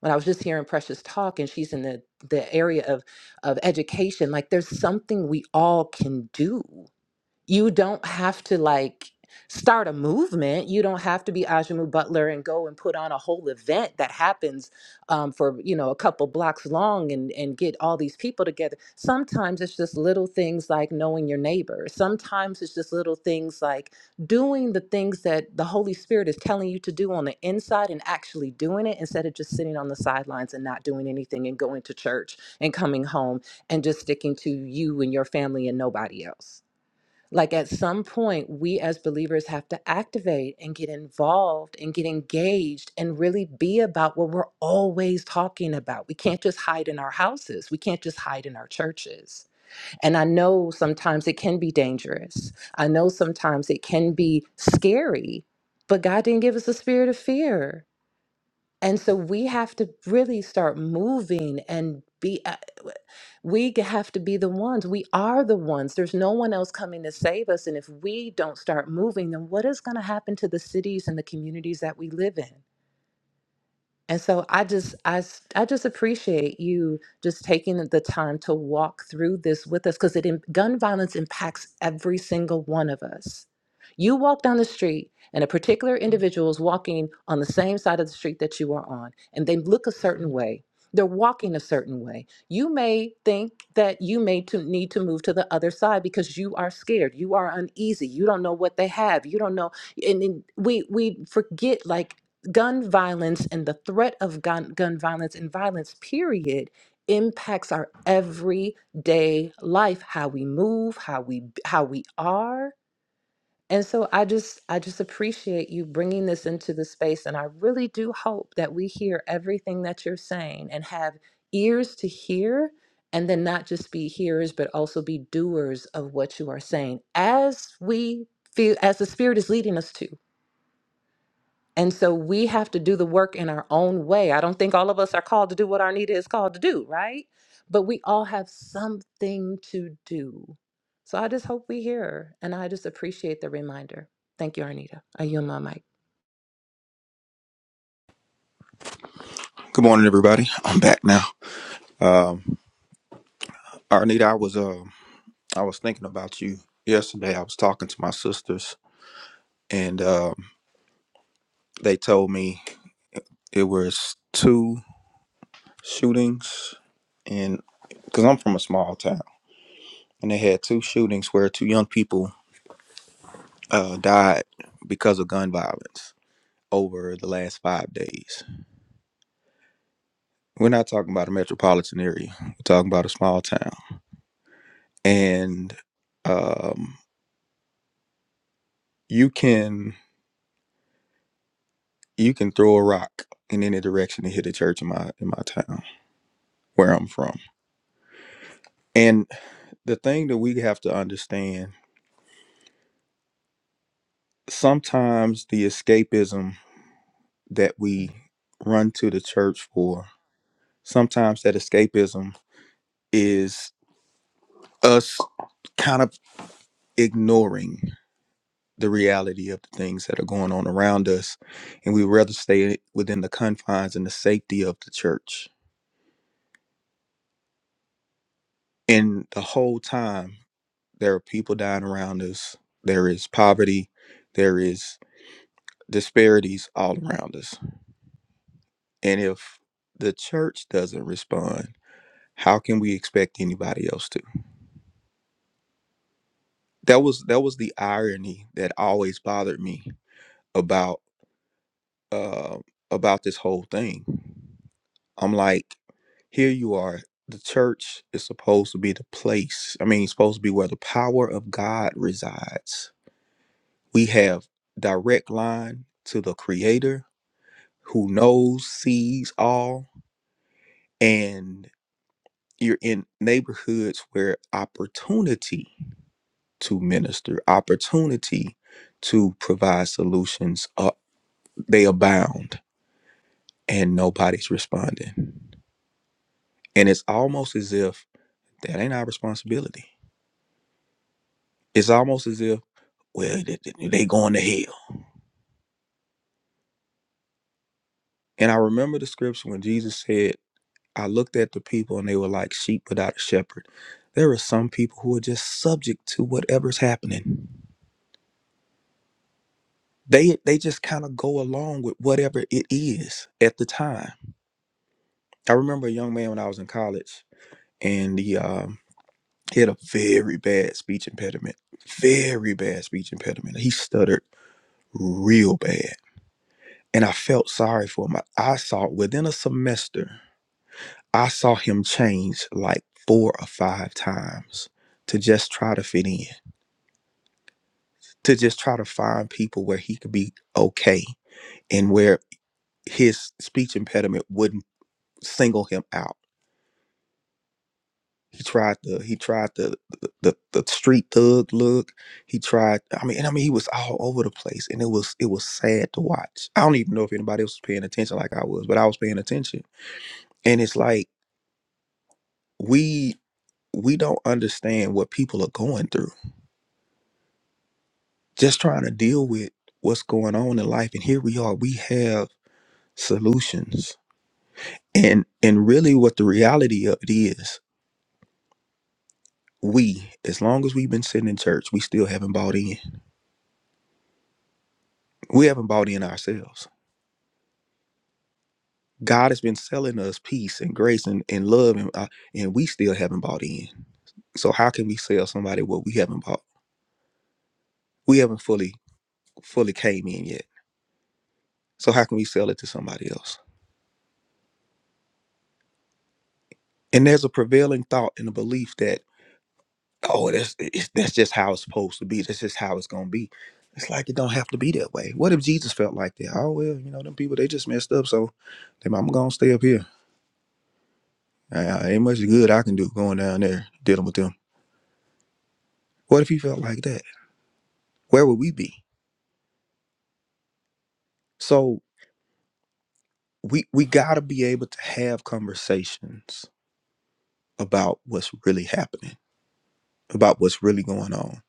When I was just hearing Precious talk and she's in the, the area of, of education, like there's something we all can do you don't have to like start a movement. You don't have to be Ajamu Butler and go and put on a whole event that happens um, for you know a couple blocks long and and get all these people together. Sometimes it's just little things like knowing your neighbor. Sometimes it's just little things like doing the things that the Holy Spirit is telling you to do on the inside and actually doing it instead of just sitting on the sidelines and not doing anything and going to church and coming home and just sticking to you and your family and nobody else. Like at some point, we as believers have to activate and get involved and get engaged and really be about what we're always talking about. We can't just hide in our houses, we can't just hide in our churches. And I know sometimes it can be dangerous, I know sometimes it can be scary, but God didn't give us a spirit of fear. And so we have to really start moving and be, uh, we g- have to be the ones. We are the ones. There's no one else coming to save us. And if we don't start moving, then what is going to happen to the cities and the communities that we live in? And so I just I s- I just appreciate you just taking the time to walk through this with us because it im- gun violence impacts every single one of us. You walk down the street and a particular individual is walking on the same side of the street that you are on and they look a certain way. They're walking a certain way. You may think that you may to need to move to the other side because you are scared. You are uneasy. You don't know what they have. You don't know and, and we we forget like gun violence and the threat of gun, gun violence and violence, period, impacts our everyday life, how we move, how we how we are. And so I just I just appreciate you bringing this into the space and I really do hope that we hear everything that you're saying and have ears to hear and then not just be hearers but also be doers of what you are saying as we feel as the spirit is leading us to and so we have to do the work in our own way. I don't think all of us are called to do what Arnita is called to do, right? But we all have something to do. So I just hope we hear. her, And I just appreciate the reminder. Thank you, Arnita. I yield my mic.
Good morning, everybody. I'm back now. Um, Arnita, I was um I was thinking about you yesterday. I was talking to my sisters, and um, they told me it was two shootings, and because I'm from a small town, and they had two shootings where two young people uh, died because of gun violence over the last five days. We're not talking about a metropolitan area. We're talking about a small town, and um, you can. you can throw a rock in any direction and hit a church in my in my town where I'm from. And the thing that we have to understand, sometimes the escapism that we run to the church for, sometimes that escapism is us kind of ignoring the reality of the things that are going on around us and we rather stay within the confines and the safety of the church And the whole time, there are people dying around us. There is poverty. There is disparities all around us. And if the church doesn't respond, how can we expect anybody else to? That was that was the irony that always bothered me about uh, about this whole thing. I'm like, here you are. The church is supposed to be the place. I mean, it's supposed to be where the power of God resides We have direct line to the creator who knows, sees all, and you're in neighborhoods where opportunity to minister, opportunity to provide solutions, uh, they abound and nobody's responding. And it's almost as if that ain't our responsibility. It's almost as if, well, they, they they going to hell. And I remember the scripture when Jesus said, I looked at the people and they were like sheep without a shepherd. There are some people who are just subject to whatever's happening. They they just kind of go along with whatever it is at the time. I remember a young man when I was in college and he um he had a very bad speech impediment. Very bad speech impediment. He stuttered real bad. And I felt sorry for him. I I saw within a semester, I saw him change like four or five times to just try to fit in to just try to find people where he could be okay and where his speech impediment wouldn't single him out. He tried the he tried the the, the, the street thug look. He tried I mean and I mean he was all over the place and it was it was sad to watch. I don't even know if anybody else was paying attention like I was, but I was paying attention. And it's like we we don't understand what people are going through. Just trying to deal with what's going on in life and here we are we have solutions And and really what the reality of it is, we, as long as we've been sitting in church, we still haven't bought in. We haven't bought in ourselves. God has been selling us peace and grace and, and love and uh, and we still haven't bought in. So how can we sell somebody what we haven't bought? We haven't fully fully came in yet. So how can we sell it to somebody else? And there's a prevailing thought and a belief that oh, that's it's, that's just how it's supposed to be. That's just how it's gonna be. It's like it don't have to be that way. What if Jesus felt like that? Oh well, you know, them people they just messed up, so then I'm gonna stay up here. I, I- ain't much good I can do going down there dealing with them. What if he felt like that? Where would we be? So we we gotta be able to have conversations about what's really happening, about what's really going on.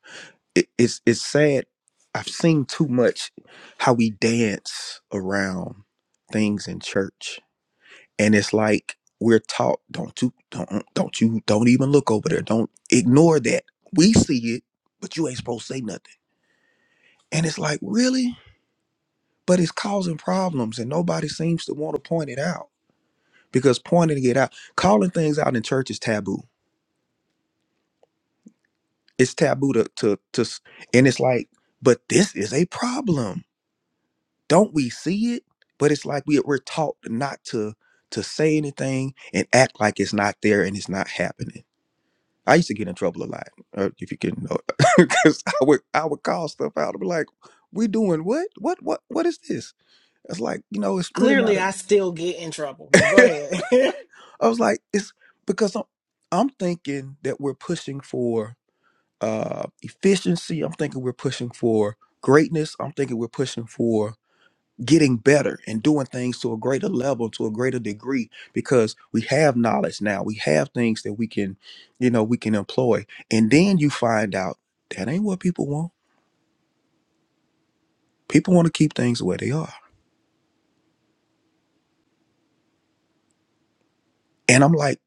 It, it's it's sad. I've seen too much how we dance around things in church and it's like we're taught don't you don't don't you don't even look over there don't ignore that we see it but you ain't supposed to say nothing and it's like really but it's causing problems and nobody seems to want to point it out because pointing it out calling things out in church is taboo it's taboo to to, to s- and it's like but this is a problem don't we see it but it's like we, we're taught not to to say anything and act like it's not there and it's not happening I used to get in trouble a lot, uh, if you didn't know, because I would I would call stuff out. I'd be like, "We doing what? What? What? What is this?" It's like you know, it's really not. A,
In trouble, but go ahead.
I was like, it's because I'm I'm thinking that we're pushing for uh efficiency. I'm thinking we're pushing for greatness. I'm thinking we're pushing for getting better and doing things to a greater level to a greater degree because we have knowledge now we have things that we can you know we can employ and then you find out that ain't what people want people want to keep things where they are and i'm like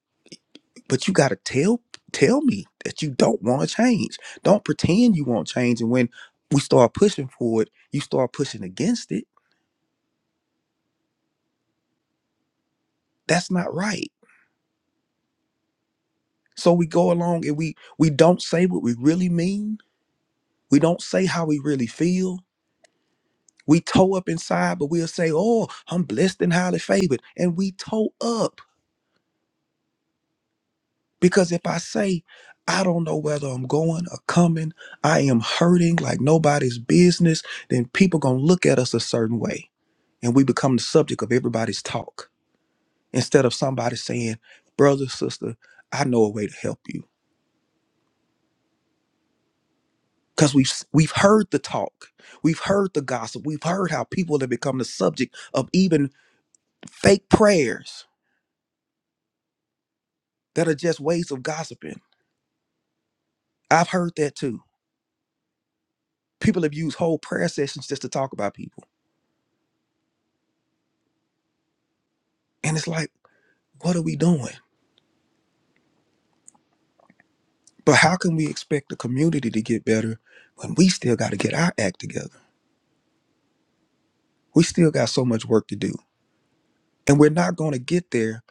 but you got to tell tell me that you don't want to change don't pretend you want change and when we start pushing for it you start pushing against it that's not right so we go along and we we don't say what we really mean we don't say how we really feel We toe up inside, but we'll say, Oh, I'm blessed and highly favored. And we toe up because if I say, I don't know whether I'm going or coming, I am hurting like nobody's business, then people going to look at us a certain way. And we become the subject of everybody's talk instead of somebody saying, Brother, sister, I know a way to help you. Because we've, s- we've heard the talk, we've heard the gossip, we've heard how people have become the subject of even fake prayers that are just ways of gossiping I've heard that too. People have used whole prayer sessions just to talk about people. And it's like, what are we doing? But how can we expect the community to get better when we still got to get our act together? We still got so much work to do. And we're not going to get there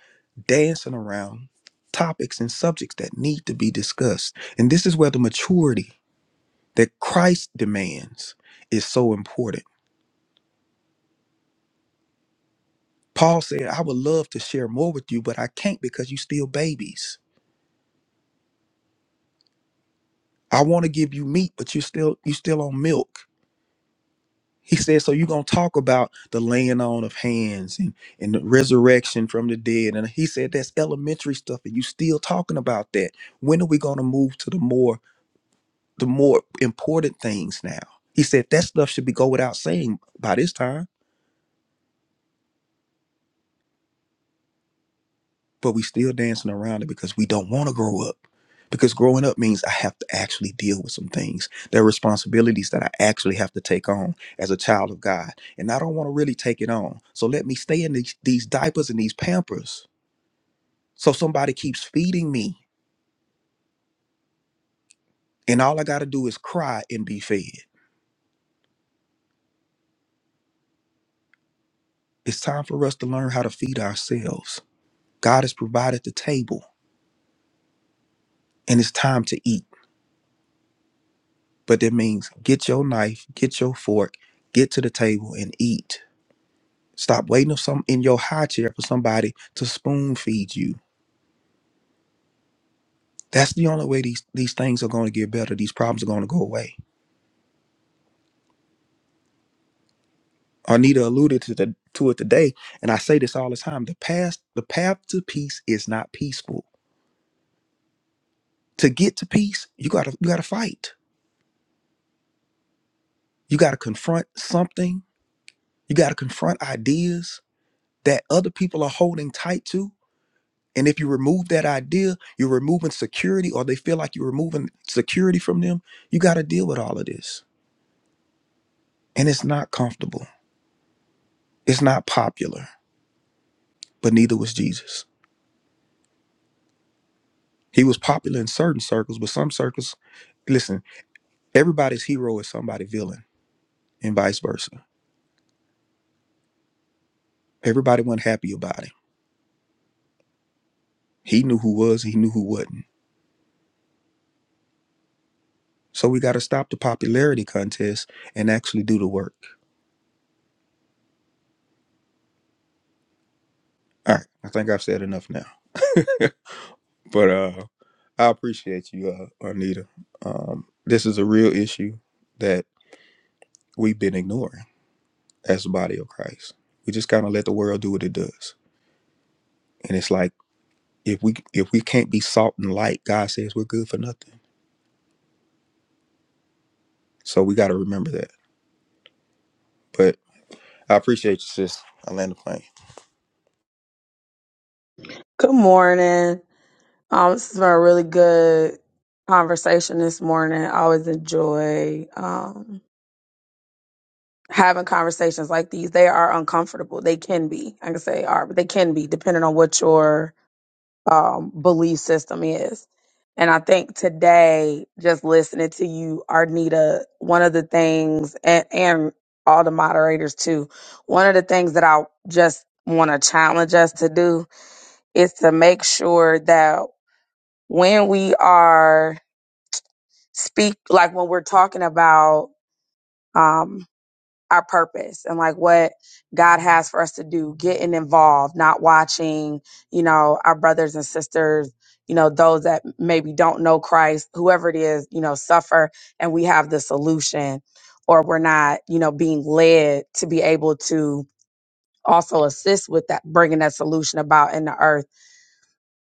dancing around topics and subjects that need to be discussed. And this is where the maturity that Christ demands is so important. Paul said, I would love to share more with you, but I can't because you still babies. I want to give you meat, but you still you still on milk. He said, so you're gonna talk about the laying on of hands and, and the resurrection from the dead. And he said that's elementary stuff, and you still talking about that. When are we gonna move to the more the more important things now? He said that stuff should be go without saying by this time. but we still dancing around it because we don't want to grow up. Because growing up means I have to actually deal with some things. There are responsibilities that I actually have to take on as a child of God. And I don't want to really take it on. So let me stay in these, these diapers and these pampers. So somebody keeps feeding me. And all I got to do is cry and be fed. It's time for us to learn how to feed ourselves. God has provided the table and it's time to eat. But that means get your knife, get your fork, get to the table and eat Stop waiting on some in your high chair for somebody to spoon feed you. That's the only way these these things are going to get better. These problems are going to go away. Arnita alluded to the to it today, and I say this all the time. The past, the path to peace is not peaceful. To get to peace, you gotta you gotta fight. You gotta confront something. You gotta confront ideas that other people are holding tight to. And if you remove that idea, you're removing security, or they feel like you're removing security from them. You gotta deal with all of this. And it's not comfortable. It's not popular, but neither was Jesus. He was popular in certain circles, but some circles, listen, everybody's hero is somebody's villain and vice versa. Everybody wasn't happy about him. He knew who was, he knew who wasn't. So we got to stop the popularity contest and actually do the work. All right, I think I've said enough now. but uh I appreciate you, uh, Anita. Um, this is a real issue that we've been ignoring. as the body of Christ. We just kind of let the world do what it does. And it's like if we if we can't be salt and light, God says we're good for nothing. So we got to remember that. But I appreciate you, sis. I land the plane.
Good morning. Um, this has been a really good conversation this morning. I always enjoy um, having conversations like these. They are uncomfortable. They can be. I can say are, but they can be depending on what your um, belief system is. And I think today, just listening to you, Arnita, one of the things, and, and all the moderators too, one of the things that I just want to challenge us to do is to make sure that when we are speak, like when we're talking about, um, our purpose and like what God has for us to do, getting involved, not watching, you know, our brothers and sisters, you know, those that maybe don't know Christ, whoever it is, you know, suffer and we have the solution or we're not, you know, being led to be able to also assist with that, bringing that solution about in the earth.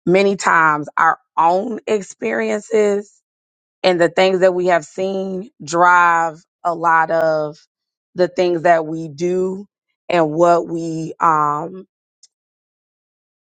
Many times our own experiences and the things that we have seen drive a lot of the things that we do and what we um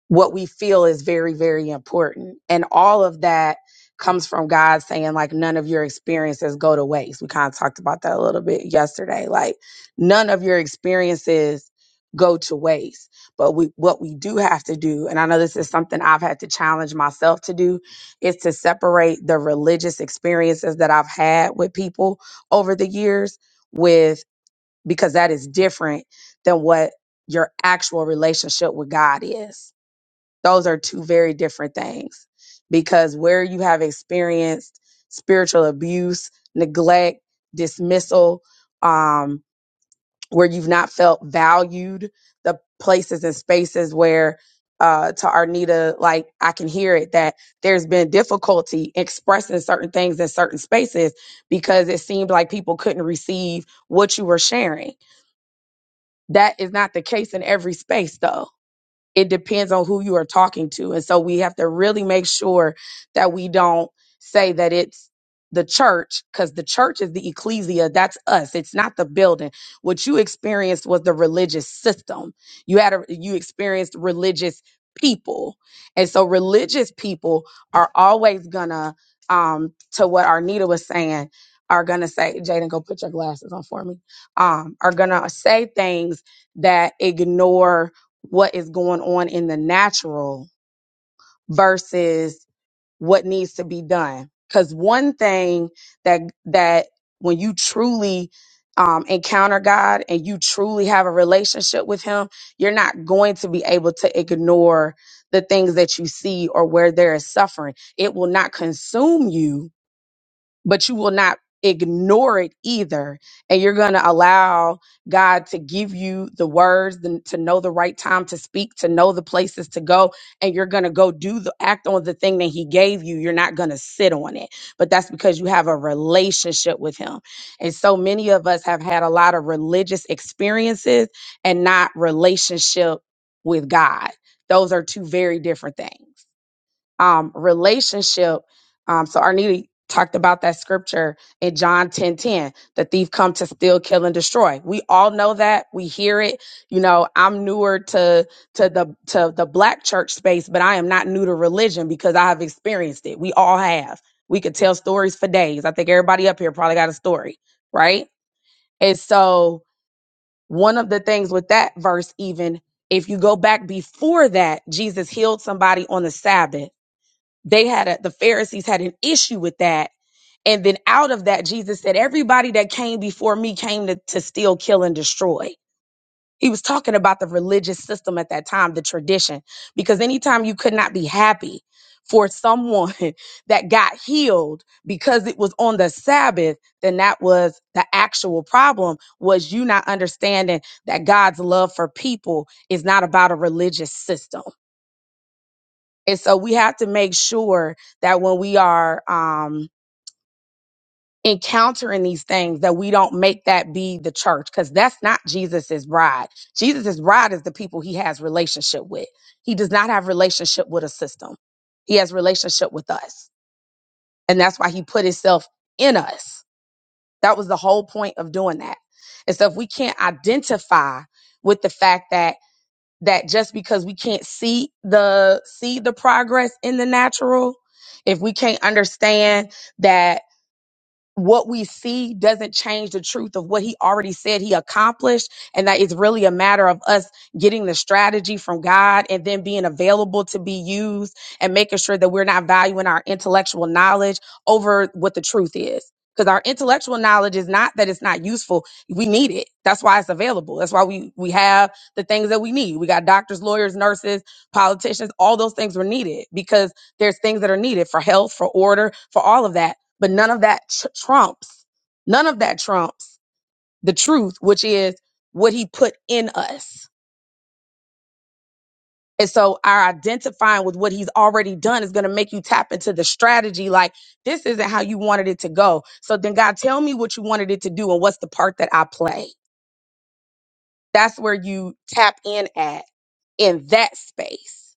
what we feel is very, very important. And all of that comes from God saying, like, none of your experiences go to waste. We kind of talked about that a little bit yesterday. Like, none of your experiences go to waste. But we, what we do have to do, and I know this is something I've had to challenge myself to do, is to separate the religious experiences that I've had with people over the years with, because that is different than what your actual relationship with God is those are two very different things because where you have experienced spiritual abuse, neglect, dismissal, um, where you've not felt valued, the places and spaces where uh, to Arnita, like I can hear it that there's been difficulty expressing certain things in certain spaces because it seemed like people couldn't receive what you were sharing. That is not the case in every space, though it depends on who you are talking to. And so we have to really make sure that we don't say that it's the church because the church is the ecclesia. That's us. It's not the building. What you experienced was the religious system. You had a, you experienced religious people. And so religious people are always gonna, um, to what Arnita was saying, are gonna say, Jaden, go put your glasses on for me. Um, are gonna say things that ignore what is going on in the natural versus what needs to be done. Because one thing that that when you truly um, encounter God and you truly have a relationship with Him, you're not going to be able to ignore the things that you see or where there is suffering. It will not consume you but you will not ignore it either. And you're going to allow God to give you the words, the- to know the right time to speak, to know the places to go. And you're going to go do the act on the thing that He gave you. You're not going to sit on it. But that's because you have a relationship with Him. And so many of us have had a lot of religious experiences and not relationship with God. Those are two very different things um, relationship. Um, so Arnita talked about that scripture in John 10 10. the thief come to steal, kill, and destroy. We all know that. We hear it. You know, I'm newer to to the to the black church space, but I am not new to religion because I have experienced it. We all have. We could tell stories for days. I think everybody up here probably got a story, right? And so one of the things with that verse, even if you go back before that, Jesus healed somebody on the Sabbath they had a, the Pharisees had an issue with that. And then out of that, Jesus said, everybody that came before me came to, to steal, kill, and destroy. He was talking about the religious system at that time, the tradition, because anytime you could not be happy for someone that got healed because it was on the Sabbath, then that was the actual problem was you not understanding that God's love for people is not about a religious system. And so we have to make sure that when we are um, encountering these things, that we don't make that be the church, because that's not Jesus's bride. Jesus's bride is the people he has relationship with. He does not have relationship with a system. He has relationship with us, and that's why he put himself in us. That was the whole point of doing that. And so if we can't identify with the fact that that just because we can't see the see the progress in the natural if we can't understand that what we see doesn't change the truth of what he already said he accomplished and that it's really a matter of us getting the strategy from god and then being available to be used and making sure that we're not valuing our intellectual knowledge over what the truth is because our intellectual knowledge is not that it's not useful we need it that's why it's available that's why we we have the things that we need we got doctors lawyers nurses politicians all those things were needed because there's things that are needed for health for order for all of that but none of that tr- trumps, none of that trumps the truth, which is what he put in us. And so our identifying with what he's already done is going to make you tap into the strategy like, this isn't how you wanted it to go. So then, God, tell me what you wanted it to do and what's the part that I play. That's where you tap in at in that space.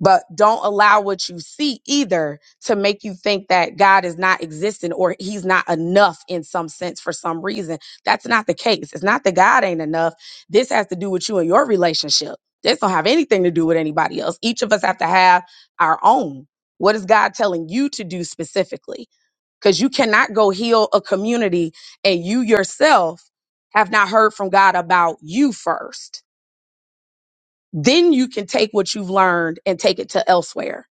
But don't allow what you see either to make you think that God is not existing or he's not enough in some sense for some reason. That's not the case. It's not that God ain't enough. This has to do with you and your relationship. This don't have anything to do with anybody else. Each of us have to have our own. What is God telling you to do specifically? Because you cannot go heal a community and you yourself have not heard from God about you first. Then you can take what you've learned and take it to elsewhere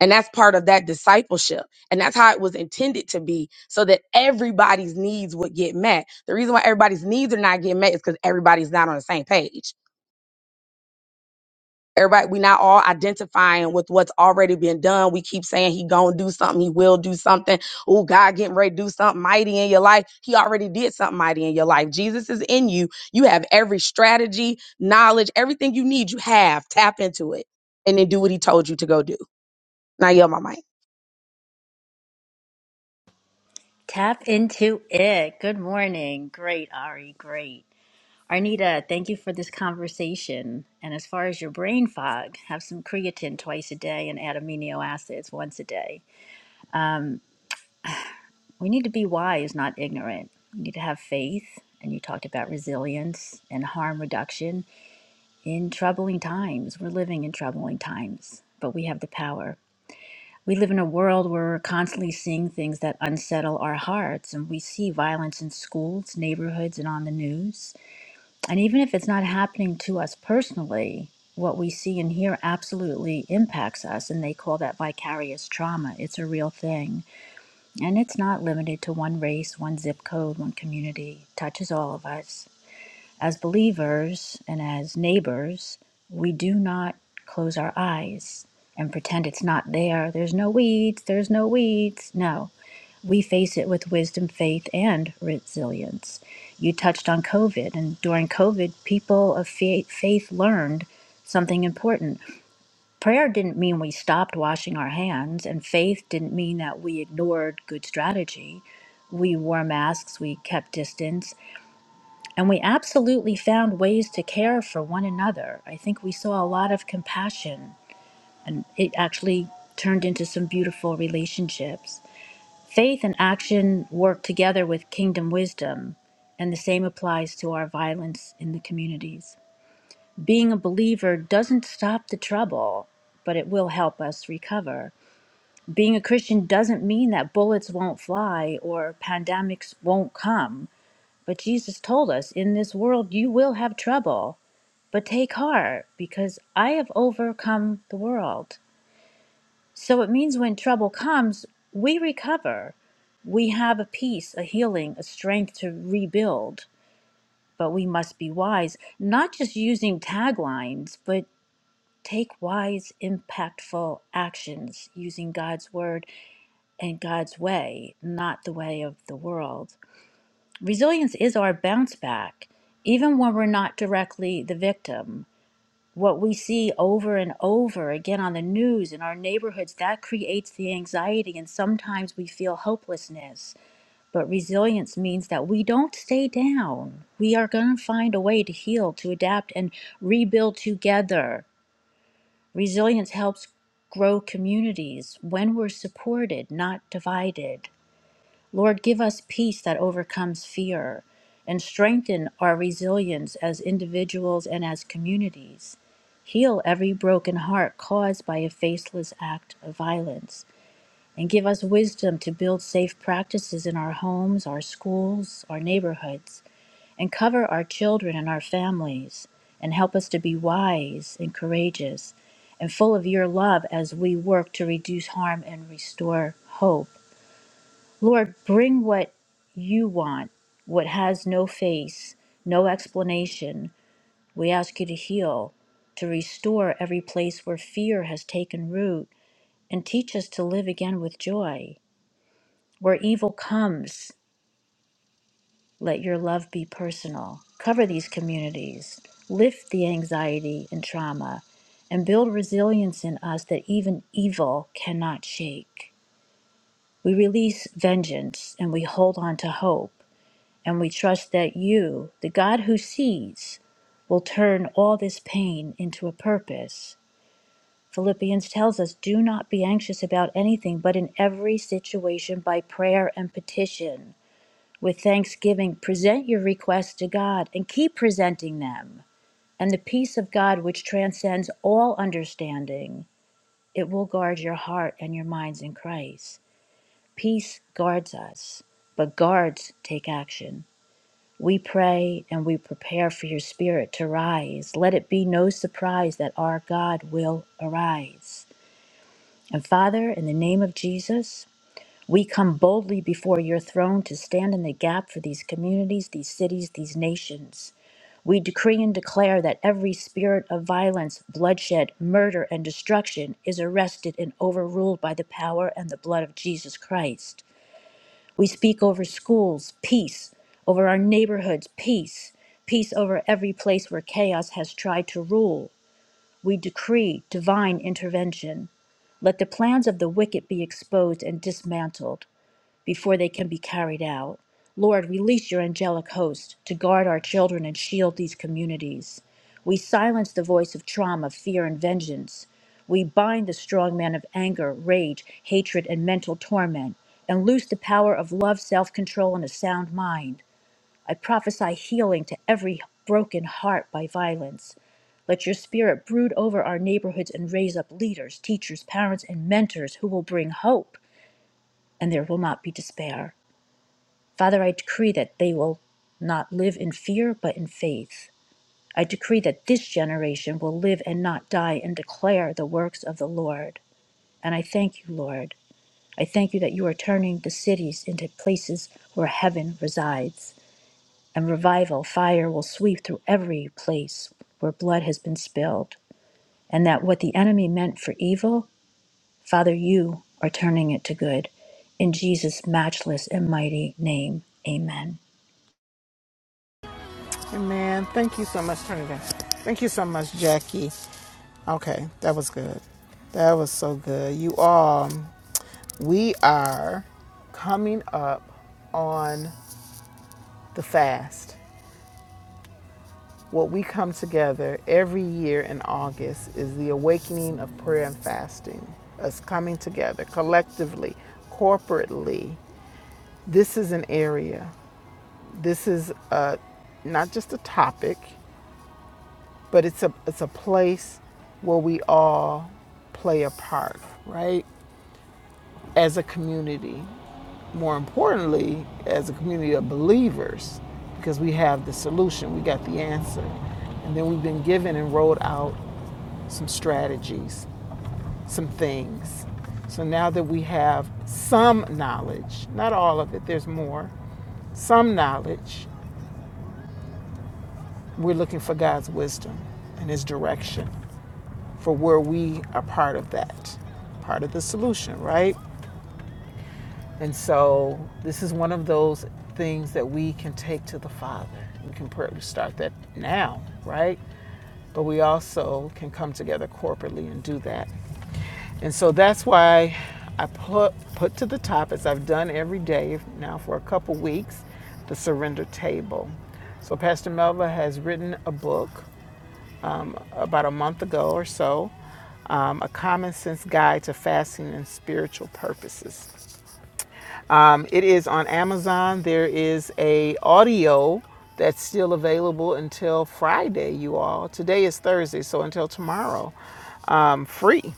and that's part of that discipleship. And that's how it was intended to be so that everybody's needs would get met. The reason why everybody's needs are not getting met is because everybody's not on the same page. Everybody, we're not all identifying with what's already been done. We keep saying he gonna do something, he will do something. Oh, God getting ready to do something mighty in your life. He already did something mighty in your life. Jesus is in you. You have every strategy, knowledge, everything you need, you have. Tap into it and then do what he told you to go do. Now yell my mic.
Tap into it. Good morning. Great, Ari. Great. Arnita, thank you for this conversation. And as far as your brain fog, have some creatine twice a day and add amino acids once a day. We need to be wise, not ignorant. We need to have faith. And you talked about resilience and harm reduction in troubling times. We're living in troubling times, but we have the power. We live in a world where we're constantly seeing things that unsettle our hearts, and we see violence in schools, neighborhoods, and on the news. And even if it's not happening to us personally, what we see and hear absolutely impacts us, and they call that vicarious trauma. It's a real thing. And it's not limited to one race, one zip code, one community, It touches all of us as believers and as neighbors, we do not close our eyes and pretend it's not there. There's no weeds, there's no weeds. No, we face it with wisdom, faith, and resilience. You touched on COVID, and during COVID, people of fa- faith learned something important. Prayer didn't mean we stopped washing our hands, and faith didn't mean that we ignored good strategy. We wore masks, we kept distance, and we absolutely found ways to care for one another. I think we saw a lot of compassion, and it actually turned into some beautiful relationships. Faith and action work together with kingdom wisdom, and the same applies to our violence in the communities. Being a believer doesn't stop the trouble, but it will help us recover. Being a Christian doesn't mean that bullets won't fly or pandemics won't come but Jesus told us, In this world you will have trouble, but take heart, because I have overcome the world. So it means when trouble comes, we recover. We have a peace, a healing, a strength to rebuild. But we must be wise, not just using taglines, but take wise, impactful actions using God's word and God's way, not the way of the world. Resilience is our bounce back, even when we're not directly the victim. What we see over and over again on the news in our neighborhoods, that creates the anxiety, and sometimes we feel hopelessness. But resilience means that we don't stay down. We are going to find a way to heal, to adapt, and rebuild together. Resilience helps grow communities when we're supported, not divided. Lord, give us peace that overcomes fear and strengthen our resilience as individuals and as communities. Heal every broken heart caused by a faceless act of violence and give us wisdom to build safe practices in our homes, our schools, our neighborhoods, and cover our children and our families and help us to be wise and courageous and full of your love as we work to reduce harm and restore hope. Lord, bring what you want, what has no face, no explanation. We ask you to heal, to restore every place where fear has taken root, and teach us to live again with joy. Where evil comes, let your love be personal. Cover these communities, lift the anxiety and trauma, and build resilience in us that even evil cannot shake. We release vengeance and we hold on to hope. And we trust that you, the God who sees, will turn all this pain into a purpose. Philippians tells us do not be anxious about anything, but in every situation by prayer and petition. With thanksgiving, present your requests to God and keep presenting them. And the peace of God, which transcends all understanding, it will guard your heart and your minds in Christ. Peace guards us, but guards take action. We pray and we prepare for your spirit to rise. Let it be no surprise that our God will arise. And Father, in the name of Jesus, we come boldly before your throne to stand in the gap for these communities, these cities, these nations. We decree and declare that every spirit of violence, bloodshed, murder, and destruction is arrested and overruled by the power and the blood of Jesus Christ. We speak over schools, peace, over our neighborhoods, peace, peace over every place where chaos has tried to rule. We decree divine intervention. Let the plans of the wicked be exposed and dismantled before they can be carried out. Lord, release your angelic host to guard our children and shield these communities. We silence the voice of trauma, fear, and vengeance. We bind the strong man of anger, rage, hatred, and mental torment, and loose the power of love, self control, and a sound mind. I prophesy healing to every broken heart by violence. Let your spirit brood over our neighborhoods and raise up leaders, teachers, parents, and mentors who will bring hope, and there will not be despair. Father, I decree that they will not live in fear, but in faith. I decree that this generation will live and not die and declare the works of the Lord. And I thank you, Lord. I thank you that you are turning the cities into places where heaven resides, and revival, fire will sweep through every place where blood has been spilled, and that what the enemy meant for evil, Father, you are turning it to good. In Jesus' matchless and mighty name, amen.
Hey, Man, thank you so much. Turn it down. Thank you so much, Jackie. Okay, that was good. That was so good. You all, we are coming up on the fast. What we come together every year in August is the awakening of prayer and fasting. Us coming together collectively, corporately. This is an area. this is uh not just a topic, but it's a it's a place where we all play a part, right? As a community, more importantly, as a community of believers, because we have the solution, we got the answer, and then we've been given and rolled out some strategies, some things. So now that we have some knowledge, not all of it, there's more, some knowledge We're looking for God's wisdom and His direction for where we are part of that, part of the solution, right? And so this is one of those things that we can take to the Father. We can start that now, right? But we also can come together corporately and do that. And so that's why I put, put to the top, as I've done every day now for a couple weeks, the surrender table. So Pastor Melva has written a book about a month ago or so. Um, a common sense guide to fasting and spiritual purposes. Um, it is on Amazon. There is a audio that's still available until Friday. You all. Today is Thursday, so until tomorrow, um, free.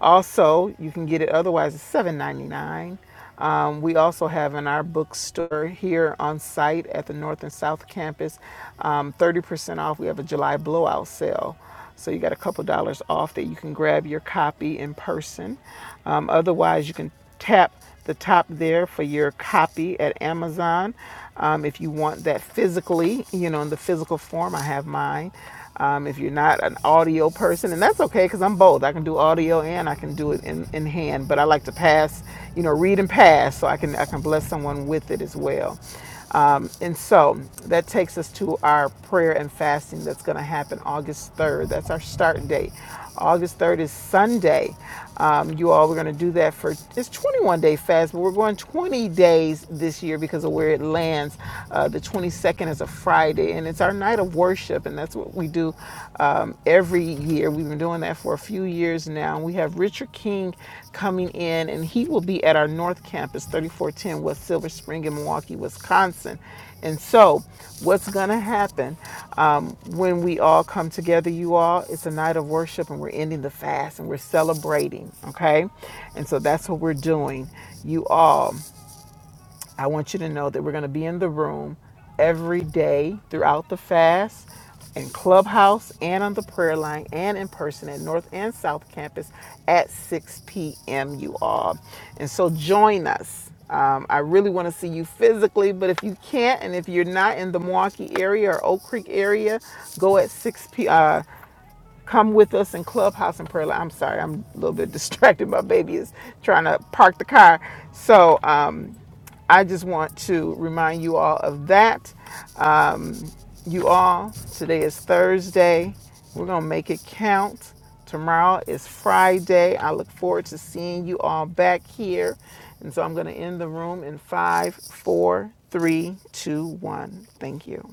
Also, you can get it otherwise it's seven ninety nine. Um, we also have in our bookstore here on site at the North and South Campus um, 30% off. We have a July blowout sale. So you got a couple dollars off that you can grab your copy in person. Um, otherwise, you can tap the top there for your copy at Amazon. Um, if you want that physically, you know, in the physical form, I have mine. Um, if you're not an audio person, and that's okay because I'm both. I can do audio and I can do it in, in hand, but I like to pass, you know, read and pass so I can, I can bless someone with it as well. Um, and so that takes us to our prayer and fasting that's going to happen August 3rd. That's our start date. August 3rd is Sunday. Um, you all, we're going to do that for it's 21 day fast, but we're going 20 days this year because of where it lands. Uh, the 22nd is a Friday, and it's our night of worship, and that's what we do um, every year. We've been doing that for a few years now. We have Richard King coming in, and he will be at our North Campus, 3410 West Silver Spring in Milwaukee, Wisconsin and so, what's going to happen um, when we all come together, you all? It's a night of worship and we're ending the fast and we're celebrating, okay? And so, that's what we're doing, you all. I want you to know that we're going to be in the room every day throughout the fast in Clubhouse and on the prayer line and in person at North and South Campus at 6 p.m. You all. And so join us. Um, I really want to see you physically, but if you can't, and if you're not in the Milwaukee area or Oak Creek area, go at 6 p. uh, Come with us in Clubhouse and Prayer Line. I'm sorry, I'm a little bit distracted. My baby is trying to park the car. So um, I just want to remind you all of that. Um, you all, today is Thursday. We're going to make it count. Tomorrow is Friday. I look forward to seeing you all back here. And so I'm going to end the room in five, four, three, two, one. Thank you.